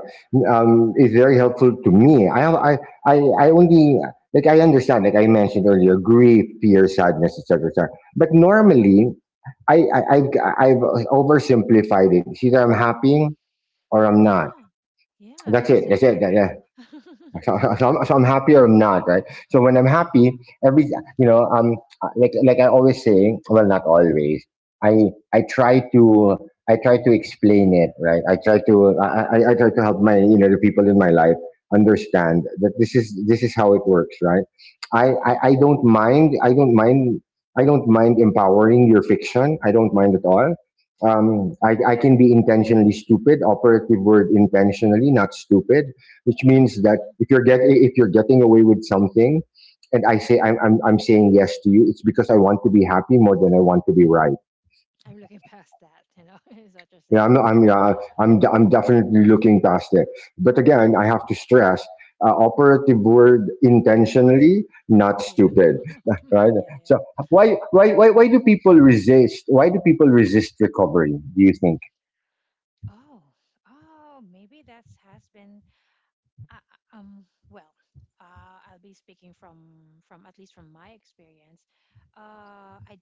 Speaker 1: is very helpful to me. I only— like, I understand, like I mentioned earlier, grief, fear, sadness, etc., etc. But normally, I, I, I've, I've oversimplified it. It's either I'm happy or I'm not.
Speaker 2: Yeah, yeah, I
Speaker 1: That's it.
Speaker 2: used to
Speaker 1: That's
Speaker 2: do
Speaker 1: it.
Speaker 2: that too.
Speaker 1: So, so, so I'm happy or not, right? So when I'm happy, every— you know, like— like I always say, well, not always. I I try to— I try to explain it, right? I try to— I try to help my, you know, the people in my life understand that this is— this is how it works, right? I
Speaker 2: Uh-huh.
Speaker 1: don't mind— I don't mind empowering your fiction. I don't mind at all. I can be intentionally stupid— operative word intentionally, not stupid— which means that if you're get— if you're getting away with something, and I say I'm— I'm saying yes to you, it's because I want to be happy more than I want to be right.
Speaker 2: I'm looking past that, you know. Is what you're
Speaker 1: You know, I'm not,
Speaker 2: saying.
Speaker 1: I'm you I'm definitely looking past it. But again, I have to stress. Operative word intentionally, not
Speaker 2: Yeah.
Speaker 1: stupid, right?
Speaker 2: Yeah,
Speaker 1: So
Speaker 2: yeah.
Speaker 1: why do people resist? Why do people resist recovery? Do you think?
Speaker 2: Oh, oh, maybe that's has been Uh, uh, um, well, I'll be speaking from at least from my experience. Uh, I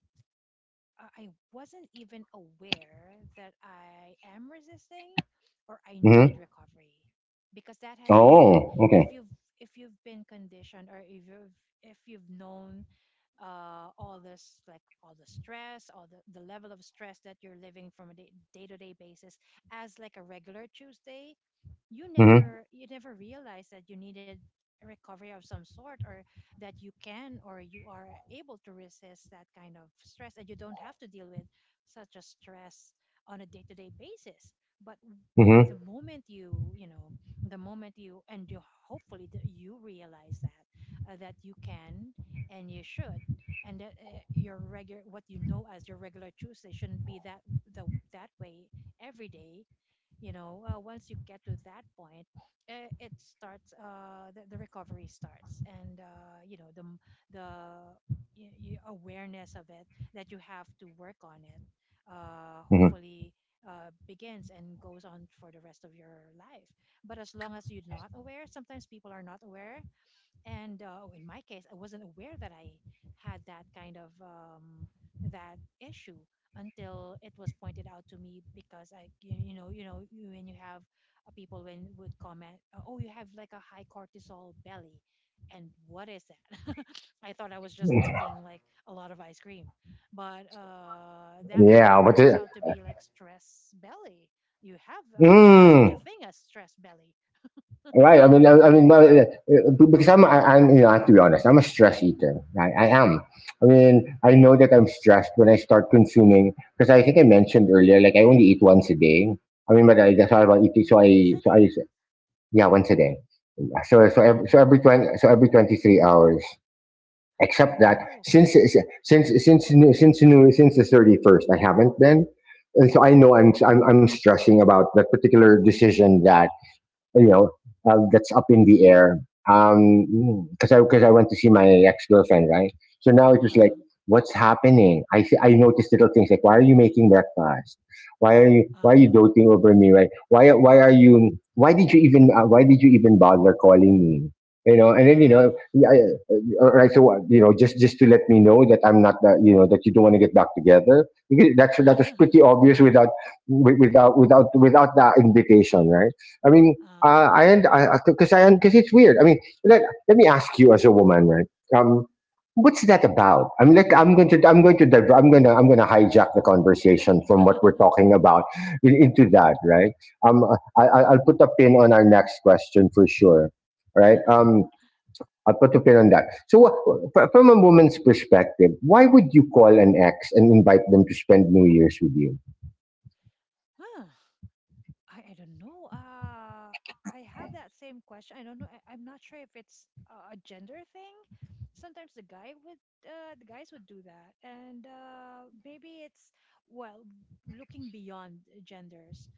Speaker 2: I wasn't even aware that I am resisting or I needed
Speaker 1: Hmm.
Speaker 2: recovery because that has been
Speaker 1: Oh,
Speaker 2: if
Speaker 1: okay.
Speaker 2: you've if you've been conditioned or if you've known all this, like all the stress, all the level of stress that you're living from a day, day-to-day basis as like a regular Tuesday. You
Speaker 1: Hmm.
Speaker 2: never, you never realized that you needed a recovery of some sort, or that you can, or you are able to resist that kind of stress and you don't have to deal with such a stress on a day-to-day basis. but w- the
Speaker 1: Hmm.
Speaker 2: moment you, you know the moment you and you hopefully that you realize that that you can and you should, and that your regular, what you know as your regular Tuesday, shouldn't be the that way every day. You know, once you get to that point, it starts, the recovery starts. And you know, the m- the y y awareness of it, that you have to work on it,
Speaker 1: Hmm.
Speaker 2: hopefully, begins and goes on for the rest of your life. But as long as you're not aware, sometimes people are not aware. And in my case, I wasn't aware that I had that kind of that issue until it was pointed out to me. Because I you you know, when you have people when would comment, oh, you have like a high cortisol belly. And what is that? I thought I was just eating like a lot of ice cream, but that that
Speaker 1: Yeah, but
Speaker 2: turns out to be like stress belly. You have there's such a
Speaker 1: it—
Speaker 2: thing as stress belly.
Speaker 1: right. I mean—
Speaker 2: You
Speaker 1: I
Speaker 2: know,
Speaker 1: mean, well, because I'm, I'm, you know, I have to be honest. I'm a stress eater. I am. I mean, I know that I'm stressed when I start consuming, because, I think I mentioned earlier, like, I only eat once a day. I mean, but I— that's all about eating. So
Speaker 2: once a
Speaker 1: so
Speaker 2: day.
Speaker 1: I— yeah, once a day. So, so, every,
Speaker 2: Oh,
Speaker 1: so every
Speaker 2: okay.
Speaker 1: 20, so every 23 hours. Except that
Speaker 2: Oh, okay.
Speaker 1: since— new— since new, since the 31st, I haven't been. And so I know I'm stressing about that particular decision that, you know, that's up in the air. Because I— because I went to see my ex girlfriend, right? So now it's just
Speaker 2: Uh-huh.
Speaker 1: like, what's happening? I see— I noticed little things, like, why are you making breakfast? Why are you
Speaker 2: Uh-huh.
Speaker 1: doting over me? Right? Why are you— why did you even, why did you even bother calling me? You know, and then, you know,
Speaker 2: Ah.
Speaker 1: I, all right. So, you know, just— just to let me know that I'm not— that, you know, that you don't want to get back together. Because that's that was pretty obvious without— wi— without that invitation, right? I mean,
Speaker 2: Uh.
Speaker 1: I— and I, because I— because it's weird. I mean, let— let me ask you as a woman, right? Um, what's that about? I mean, like, I'm going to— I'm going to diver— I'm going to— I'm going to hijack the conversation from what we're talking about in— into that, right? Um, I'll put a pin on our next question for sure, right? I'll put a pin on that. So, from a woman's perspective, why would you call an ex and invite them to spend New Year's with you?
Speaker 2: Huh. I don't know. I have that same question. I don't know. I'm not sure if it's a gender thing. Sometimes the guy would, The guys would do that, and maybe it's well, looking beyond genders.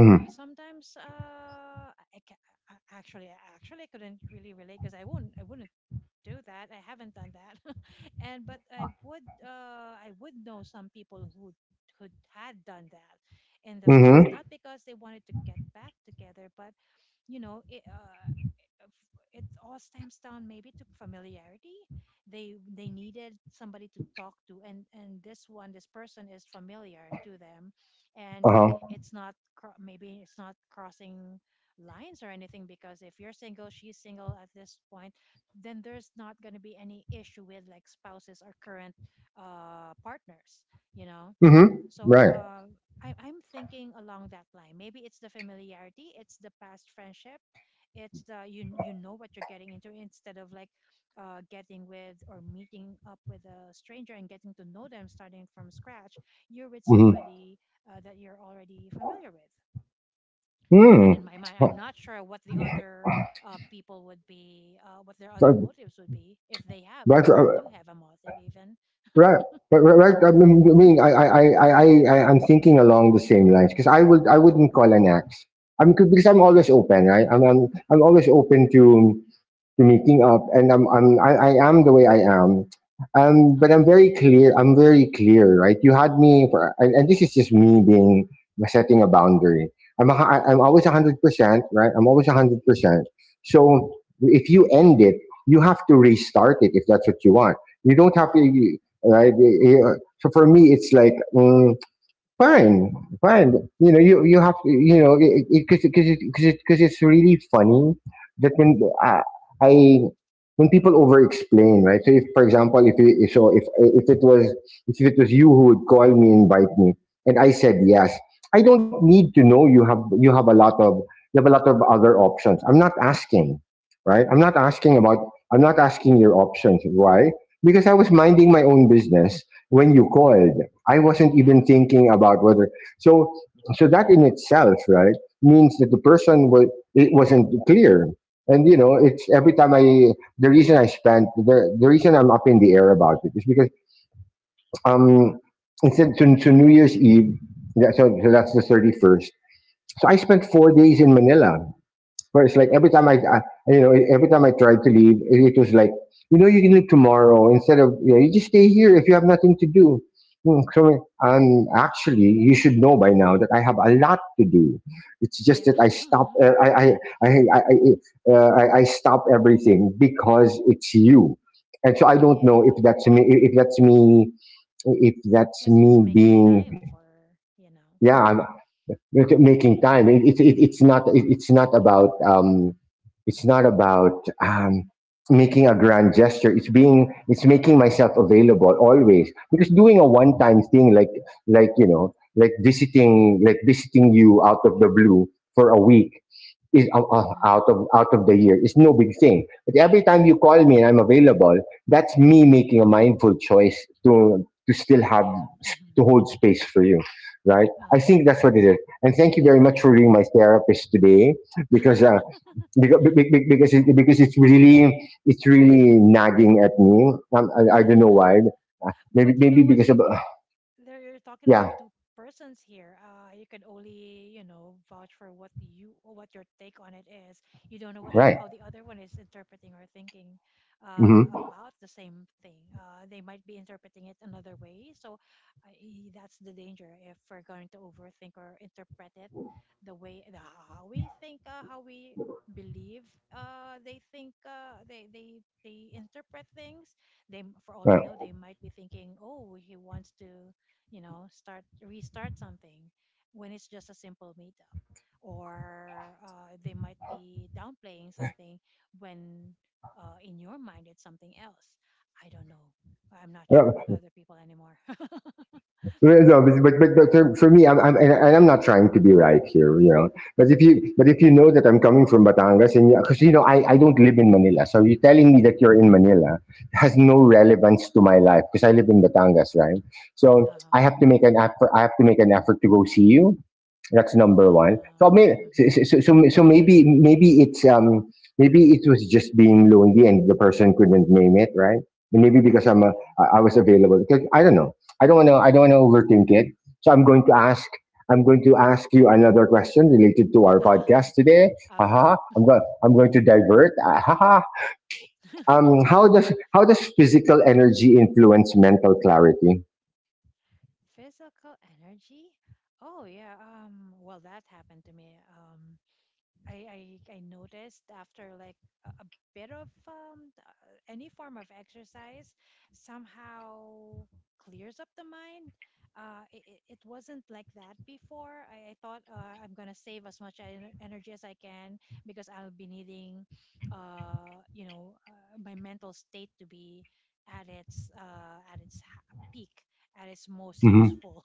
Speaker 2: Sometimes, I ca- I- actually, actually, I couldn't really relate because I wouldn't do that. I haven't done that, and but I would, I would know some people who who had done that in the past,
Speaker 1: Mm-hmm.
Speaker 2: not because they wanted to get back together, but you know, it all stems down maybe to familiarity. They needed somebody to talk to, and this one, this person, is familiar to them. And
Speaker 1: Uh huh.
Speaker 2: it's not cro- maybe it's not crossing lines or anything, because if you're single, she's single at this point, then there's not going to be any issue with like spouses or current partners, you know.
Speaker 1: Mm-hmm.
Speaker 2: So
Speaker 1: Right.
Speaker 2: I'm thinking along that line. Maybe it's the familiarity, it's the past friendship, it's the you, you know what you're getting into, instead of like getting with or meeting up with a stranger and getting to know them starting from scratch. You're with
Speaker 1: Mm-hmm.
Speaker 2: somebody that you're already familiar with. That,
Speaker 1: Hmm.
Speaker 2: in my mind, I'm not sure what the other people would be, what their other
Speaker 1: So,
Speaker 2: motives would be, if they have, if
Speaker 1: Right,
Speaker 2: they
Speaker 1: uh,
Speaker 2: do have a motive even.
Speaker 1: right, right. I mean, I, mean, I- I'm thinking along the same lines because I wouldn't call an axe. I mean, because I'm always open, right? I'm always open to making up and I am the way I am.
Speaker 2: Uh
Speaker 1: But I'm
Speaker 2: huh.
Speaker 1: very clear. I'm very clear, right? You had me for, and, this is just me being setting a boundary. I'm a, I'm
Speaker 2: Uh
Speaker 1: always
Speaker 2: huh.
Speaker 1: 100%, right? I'm always 100%. So if you end it, you have to restart it if that's what you want. You don't
Speaker 2: Uh
Speaker 1: have
Speaker 2: huh.
Speaker 1: to, right? So for me, it's like. Fine fine you know because it's really funny that uh, i when people over explain, right? So if, for example, if you if- so if if it was if it was you who would call me, invite me, and I said yes, I don't need to know you have a lot of you have a lot of other options. I'm not asking, right? I'm
Speaker 2: Uh
Speaker 1: not
Speaker 2: huh.
Speaker 1: asking
Speaker 2: Yeah.
Speaker 1: about I'm not asking your options why, because I was minding my own business when you called. I wasn't
Speaker 2: Yeah.
Speaker 1: even
Speaker 2: Mm-hmm.
Speaker 1: thinking about whether. So so that in itself, right, means that the person was it wasn't clear. And you know, it's every time I the reason I'm up in the air about it is because um instead. So New Year's Eve, yeah, so, so that's the 31st. So I spent 4 days in Manila where it's like every
Speaker 2: Uh-huh.
Speaker 1: time I, you know, every time I tried to leave, was like, you know, you can leave tomorrow instead of, you know, you just stay here if you have nothing to do. Hmm. So, and actually, you should know by now that I have a lot to do. It's just
Speaker 2: Yeah.
Speaker 1: that I stop, I stop everything because it's you. And so I
Speaker 2: Yeah,
Speaker 1: don't know if
Speaker 2: yeah.
Speaker 1: that's me, if that's
Speaker 2: It's
Speaker 1: me
Speaker 2: just making
Speaker 1: being,
Speaker 2: time for, you know.
Speaker 1: yeah, making time. It's not it's not about making a grand gesture. It's being it's making myself available always, because doing a one time thing like like visiting you out of the blue for a week is out
Speaker 2: Hmm.
Speaker 1: of the year. It's no big thing. But every time you call me and I'm available, that's me making a mindful choice to still have
Speaker 2: Yeah.
Speaker 1: to
Speaker 2: Hmm.
Speaker 1: hold space for you, right? I think that's what it is. And thank you very much for being my therapist today, because
Speaker 2: Uh-huh.
Speaker 1: because because it's really nagging at me. I don't know why. Maybe
Speaker 2: But you know what?
Speaker 1: because of
Speaker 2: It, there, you're talking about
Speaker 1: yeah,
Speaker 2: two persons here. You can only, you know, vouch for what you what your take on it is. You don't know what the
Speaker 1: right.
Speaker 2: how the other one is interpreting or thinking
Speaker 1: Mm-hmm.
Speaker 2: about the same thing. They might be interpreting it another way. So I, that's the danger if we're going to overthink or interpret it the way the, how we think, how we believe they think, they interpret things. For all we
Speaker 1: Right.
Speaker 2: know, they might be thinking, oh, he wants to, you know, start, restart something, when it's just a simple meetup. Or they might be downplaying something when in your mind it's something else. I don't know. I'm not sure about other people anymore.
Speaker 1: Well, no, but for me, I'm and, I'm not trying to be right here, you know. But if you know that I'm coming from Batangas, and because you know I don't live in Manila, so you telling me that you're in Manila has no
Speaker 2: Uh-huh.
Speaker 1: relevance to my life because I live in Batangas, right? So
Speaker 2: Uh-huh.
Speaker 1: I have to make an effort. I have to make an effort to go see you. That's number one.
Speaker 2: Uh.
Speaker 1: So I mean,
Speaker 2: Mm-hmm.
Speaker 1: so maybe it's maybe it was just being lonely and the person couldn't name it, right? And maybe
Speaker 2: Uh, yeah.
Speaker 1: I was available. 'Cause I don't know. I don't want to. I don't want to overthink it. So I'm going to ask. I'm going to ask you another question related to our podcast today. Haha.
Speaker 2: Okay.
Speaker 1: I'm going to divert. Ah, haha. How does physical energy influence mental clarity?
Speaker 2: Physical energy. Oh, yeah. Well, that happened to me. I, I I noticed after like a bit of any form of exercise somehow clears up the mind. It wasn't like that before. I thought, I'm gonna save as much energy as I can, because I'll be needing, my mental state to be at its, peak, at its most
Speaker 1: Mm-hmm.
Speaker 2: useful.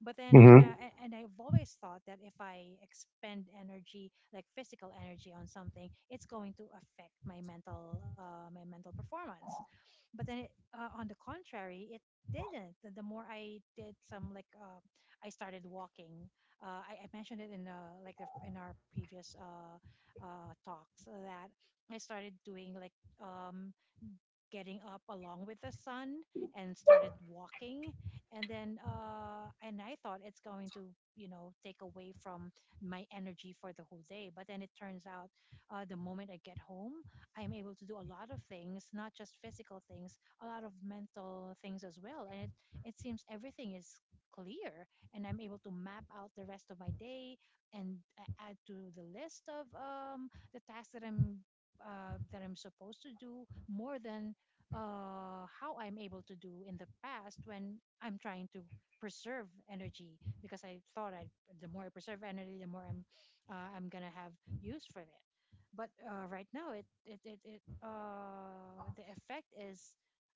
Speaker 2: But then,
Speaker 1: Mm-hmm.
Speaker 2: and I've always thought that if I expend energy, like physical energy, on something, it's going to affect my mental performance. But then, on the contrary, it didn't. The more I did some, like, I started walking. I mentioned it in, in our previous talks, that I started doing like. Getting up along with the sun and started walking, and then and I thought it's going to, you know, take away from my energy for the whole day. But then it turns out the moment I get home, I'm able to do a lot of things, not just physical things, a lot of mental things as well. And it seems everything is clear, and I'm able to map out the rest of my day and add to the list of the tasks that I'm that I'm supposed to do, more than how I'm able to do in the past, when I'm trying to preserve energy because I thought I the more I preserve energy, the more I'm gonna have use for that. But right now, it the effect is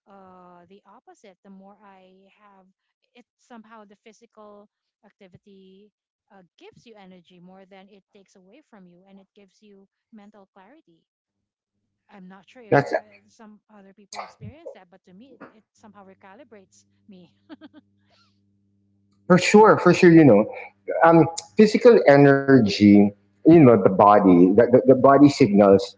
Speaker 2: the opposite. The more I have, it somehow, the physical activity gives you energy more than it takes away from you, and it gives you mental clarity. I'm not sure if
Speaker 1: That's
Speaker 2: some other people experience that, but to me, it somehow recalibrates me.
Speaker 1: for sure. For sure. You know. um, Physical energy, you know, the body, the body signals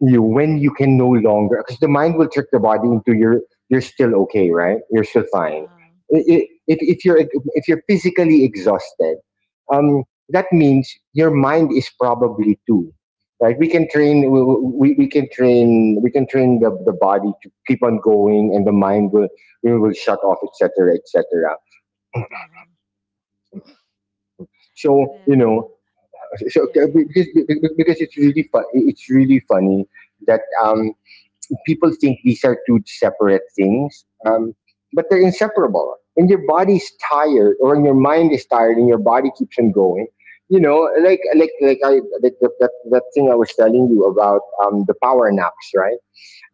Speaker 1: you when you can no longer, because the mind will trick the body into you're still okay, right? You're still fine.
Speaker 2: Uh,
Speaker 1: I- i- If, if you're if you're physically exhausted, um, that means your mind is probably too, right? We, we can train we can train the body to keep on going, and the mind will shut off, etc., etc.
Speaker 2: uh-huh. But
Speaker 1: So
Speaker 2: then,
Speaker 1: you know So
Speaker 2: yeah, yeah,
Speaker 1: okay,
Speaker 2: yeah.
Speaker 1: because it's really fun. It's really funny that people think these are two separate things, but they're inseparable. When your body's tired, or when your mind is tired, and your body keeps on going, you know, that that thing I was telling you about the power naps, right?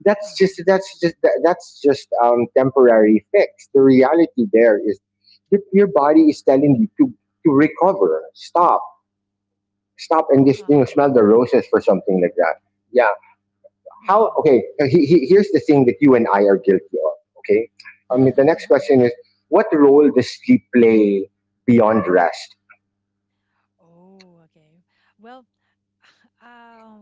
Speaker 2: Uh-huh,
Speaker 1: That's just temporary fix. The reality there is your body is telling you to recover, stop and just you know
Speaker 2: uh-huh.
Speaker 1: smell the roses for something like that. Yeah. How?
Speaker 2: Um,
Speaker 1: Okay. Here's the thing that you and I are guilty of. Okay. I mean, the next question is, what role does sleep play beyond rest?
Speaker 2: oh, okay. Well, um,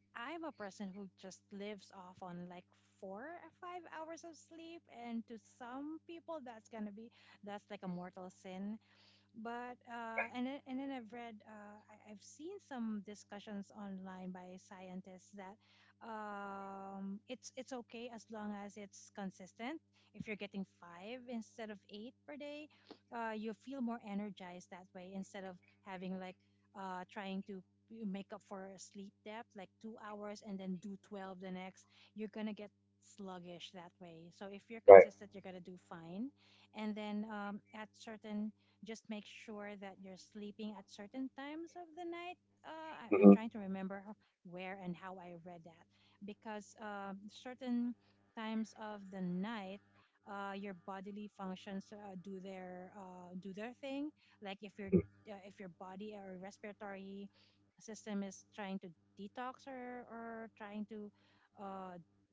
Speaker 2: I'm a person who just lives off on like 4 or 5 hours of sleep, and to some people, that's gonna be that's like a mortal sin. And then I've read, I've seen some discussions online by scientists, that it's okay as long as it's consistent. If you're getting five instead of eight per day, you feel more energized that way, instead of having like uh, trying to make up for sleep depth, like 2 hours and then do 12 the next. You're gonna get sluggish that way. So if you're
Speaker 1: Right.
Speaker 2: consistent, you're gonna do fine. And then at certain, just make sure that you're sleeping at certain times of the night. I'm
Speaker 1: Mhm.
Speaker 2: trying to remember where and how I read that because certain times of the night, your bodily functions do their thing. Like if your body or respiratory system is trying to detox, or trying to uh,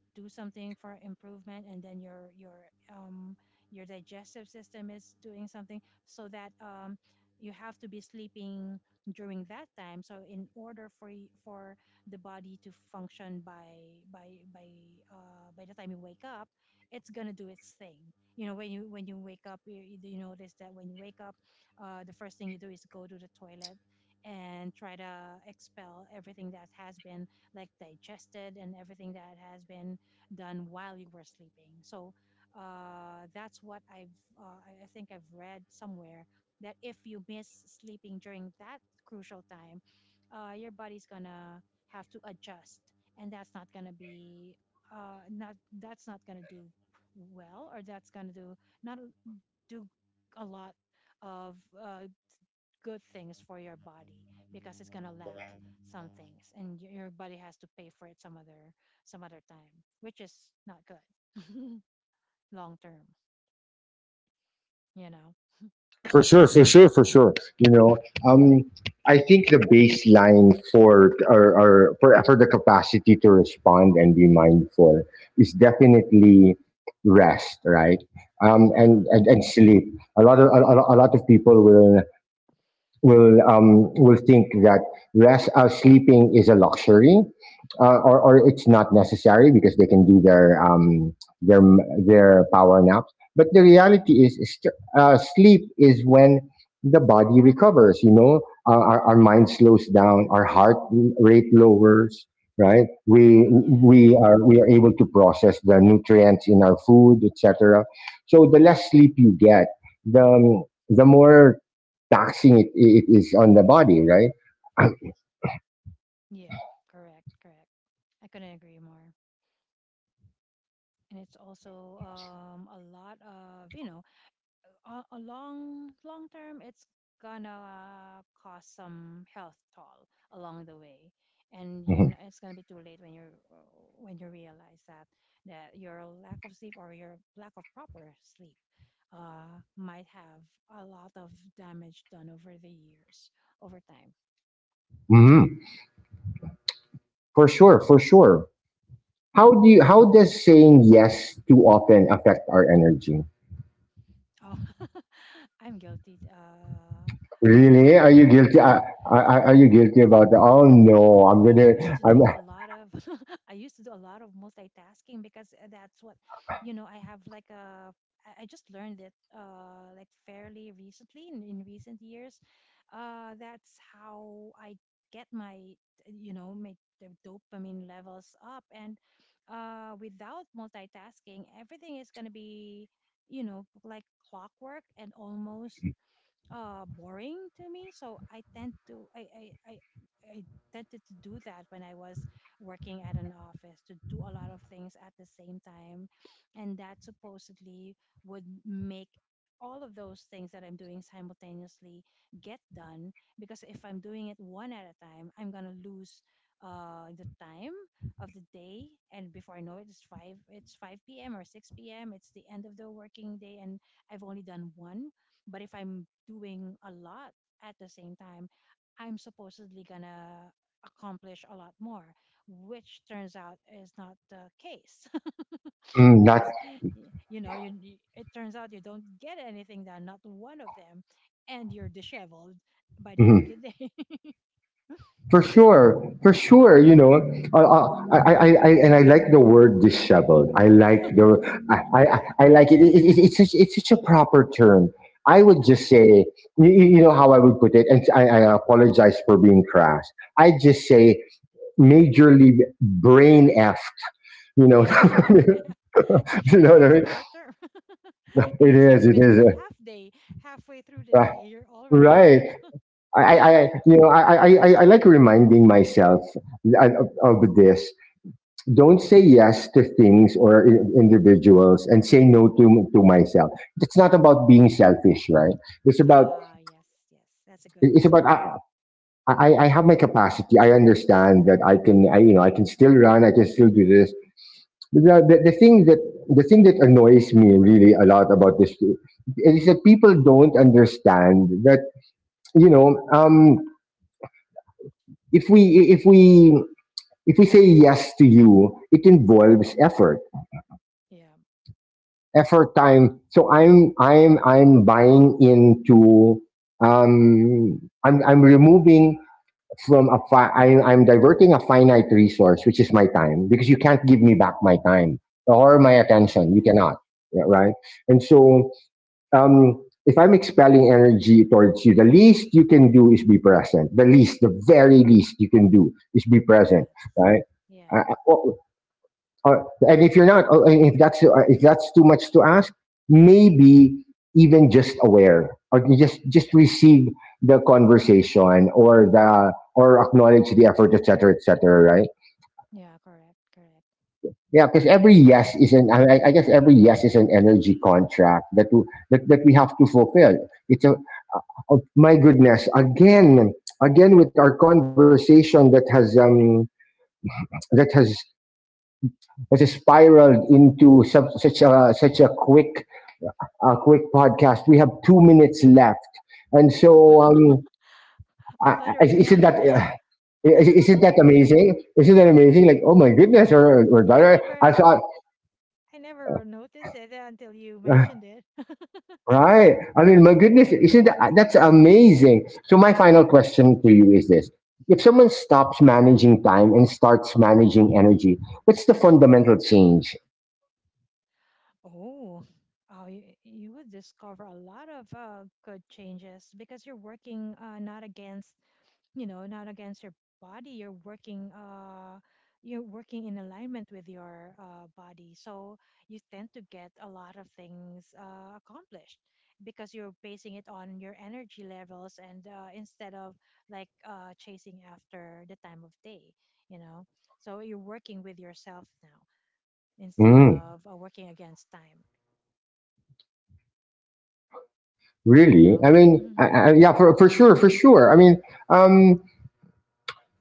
Speaker 2: do something for improvement, and then your digestive system is doing something, so that you have to be sleeping during that time. So in order for for the body to function by, by the time you wake up, it's gonna do its thing. You know, when you, wake up, you notice that when you wake up, the first thing you do is go to the toilet and try to expel everything that has been like digested, and everything that has been done while you were sleeping. So that's what I've, I think I've read somewhere, that if you miss sleeping during that crucial time, your body's gonna have to adjust, and that's not gonna be not, that's not gonna do well, or that's gonna do not do a lot of good things for your body, because it's gonna lack some things, and your body has to pay for it some other, some other time, which is not good long term, you know.
Speaker 1: For sure. You know, um, I think the baseline for or for for the capacity to respond and be mindful is definitely rest, right?
Speaker 2: Uh-huh.
Speaker 1: And, sleep. A lot of a lot of people will will think that rest sleeping is a luxury, or it's not necessary because they can do their their their power naps. But the reality is, sleep is when the body recovers. You know, our mind slows down, our heart rate lowers. Right,
Speaker 2: Yeah.
Speaker 1: we are able to process the nutrients in our food, etc. So the less sleep you get, the more taxing it is on the body, right?
Speaker 2: Yeah. Correct. Correct. I couldn't agree more. And it's also, a lot of, you know, a long, long term, it's gonna cause some health toll along the way. And
Speaker 1: Mhm.
Speaker 2: it's gonna be too late when you are, when you realize that your lack of sleep, or your lack of proper sleep, might have a lot of damage done over the years, over time.
Speaker 1: Mhm. For sure, for sure. How do you, how does saying yes too often affect our energy?
Speaker 2: Oh, I'm guilty about
Speaker 1: Really? Are you
Speaker 2: that.
Speaker 1: guilty?
Speaker 2: Yeah,
Speaker 1: Are, are you guilty about that? Oh no,
Speaker 2: I
Speaker 1: I'm gonna.
Speaker 2: used to
Speaker 1: I'm
Speaker 2: do a lot of, I used to do a lot of multitasking, because that's what, you know. I have like a I just learned it, like fairly recently, in recent years. That's how I get my, uh, you know my the dopamine levels up. And without multitasking, everything is gonna be, you know, like clockwork, and almost boring to me. So I tended to do that when I was working at an office, to do a lot of things at the same time. And that supposedly would make all of those things that I'm doing simultaneously get done, because if I'm doing it one at a time, I'm going to lose the time of the day, and before I know it, it's 5 p.m or 6 p.m, it's the end of the working day, and I've only done one. But if I'm doing a lot at the same time, I'm supposedly gonna accomplish a lot more, which turns out is not the case.
Speaker 1: mm, not.
Speaker 2: Because you know, it turns out you don't get anything done, not one of them, and you're disheveled by the end of the day.
Speaker 1: For sure, you know, I, and I like the word disheveled. I like the, I like it. It's such a proper term. I would just say, you, you know how I would put it, and I apologize for being crass. I just say majorly brain f. You know,
Speaker 2: Yeah, yeah. Yeah. Actually,
Speaker 1: you know
Speaker 2: that's
Speaker 1: what
Speaker 2: a
Speaker 1: I mean?
Speaker 2: better term. And it's not
Speaker 1: It
Speaker 2: even
Speaker 1: is,
Speaker 2: half day. Halfway through the
Speaker 1: uh,
Speaker 2: day, you're already.
Speaker 1: right. You know, I like reminding myself of, of this: don't say yes to things or individuals and say no to myself. It's not about being selfish, right? It's about
Speaker 2: Ah, yes, yes. That's a good. That's a
Speaker 1: it's
Speaker 2: good
Speaker 1: about
Speaker 2: one.
Speaker 1: I, I have my capacity. I understand that I can I you know I can still run, I can still do this. The thing that annoys me really a lot about this is that people don't understand that you know um if we if we if we say yes to you, it involves effort,
Speaker 2: Yeah.
Speaker 1: time. So I'm buying into um I'm removing from a fi- I, I'm diverting a finite resource, which is my time, because you can't give me back my time or my
Speaker 2: Oh,
Speaker 1: attention.
Speaker 2: yeah.
Speaker 1: You cannot. Yeah, right. And so um if I'm expelling energy towards you, the least you can do is be present. The very least you can do is be present,
Speaker 2: Yes.
Speaker 1: right?
Speaker 2: Yeah.
Speaker 1: Well, or, and if you're not, if that's too much to ask, maybe even just aware or just receive the conversation or the or acknowledge the effort, etc., etc. Right?
Speaker 2: Yeah. Correct. Correct.
Speaker 1: Yeah, because every yes is an
Speaker 2: Exactly.
Speaker 1: I guess every yes is an energy contract that that that we have to fulfill. It's a Oh, my goodness, again, again with our conversation that has that has that has spiraled into such a such a quick podcast. We have 2 minutes left, and
Speaker 2: Oh,
Speaker 1: so
Speaker 2: I
Speaker 1: I,
Speaker 2: thought you were gonna.
Speaker 1: isn't that not that amazing? Isn't that amazing? Like, oh my goodness,
Speaker 2: Yeah, I never.
Speaker 1: I thought,
Speaker 2: I never noticed it until you
Speaker 1: uh,
Speaker 2: mentioned it.
Speaker 1: right? I mean, my goodness, isn't that that's amazing. So my final question to you is this: If someone stops managing time and starts managing energy, what's the fundamental change?
Speaker 2: Oh, oh, you would discover a lot of good changes, because you're working, not against, you know, not against your body. You're working in alignment with your, body. So you tend to get a lot of things accomplished, because you're basing it on your energy levels, and instead of like chasing after the time of day, you know. So you're working with yourself now, instead
Speaker 1: Mm,
Speaker 2: of working against time. No.
Speaker 1: Really? Yeah, for sure, for sure. I mean, um,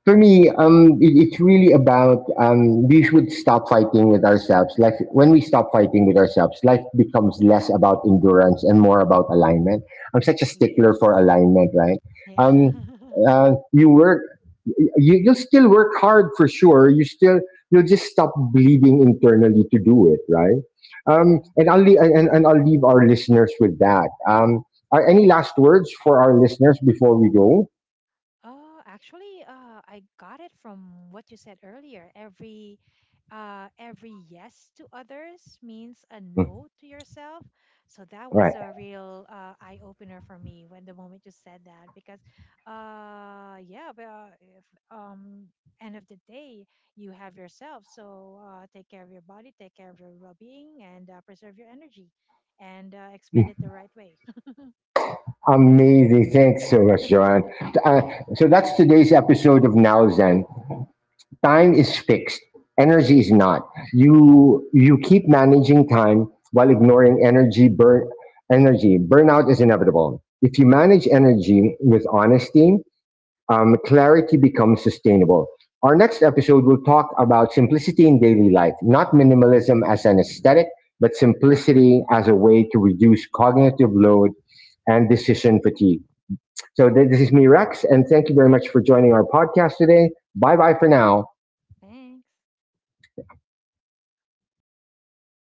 Speaker 1: for me, it's really about we should stop fighting with ourselves. Like when we stop fighting with ourselves, life becomes less about endurance and more about alignment. I'm such a stickler
Speaker 2: Yes.
Speaker 1: for alignment, right?
Speaker 2: Yeah.
Speaker 1: Um, you work, you'll still work hard for sure. You still, you'll just stop bleeding internally to do it, right?
Speaker 2: Yeah.
Speaker 1: And I'll leave, and I'll leave our listeners with that. Are any last words for our listeners before we go?
Speaker 2: Actually, I got it from what you said earlier. Every yes to others means a no to yourself. So that was
Speaker 1: Right.
Speaker 2: a real eye opener for me, when the moment you said that. Because, yeah, but if, um, end of the day, you have yourself. So take care of your body, take care of your well-being, and preserve your energy, and expend it the right way.
Speaker 1: Amazing. Thanks so much, Joanne. Uh, so that's today's episode of Now Zen. Time is fixed. Energy is not. You keep managing time while ignoring energy burn energy. Burnout is inevitable. If you manage energy with honesty, clarity becomes sustainable. Our next episode will talk about simplicity in daily life, not minimalism as an aesthetic, but simplicity as a way to reduce cognitive load and decision fatigue. So this is me, Rex, and thank you very much for joining our podcast today. Bye bye for now.
Speaker 2: Thanks.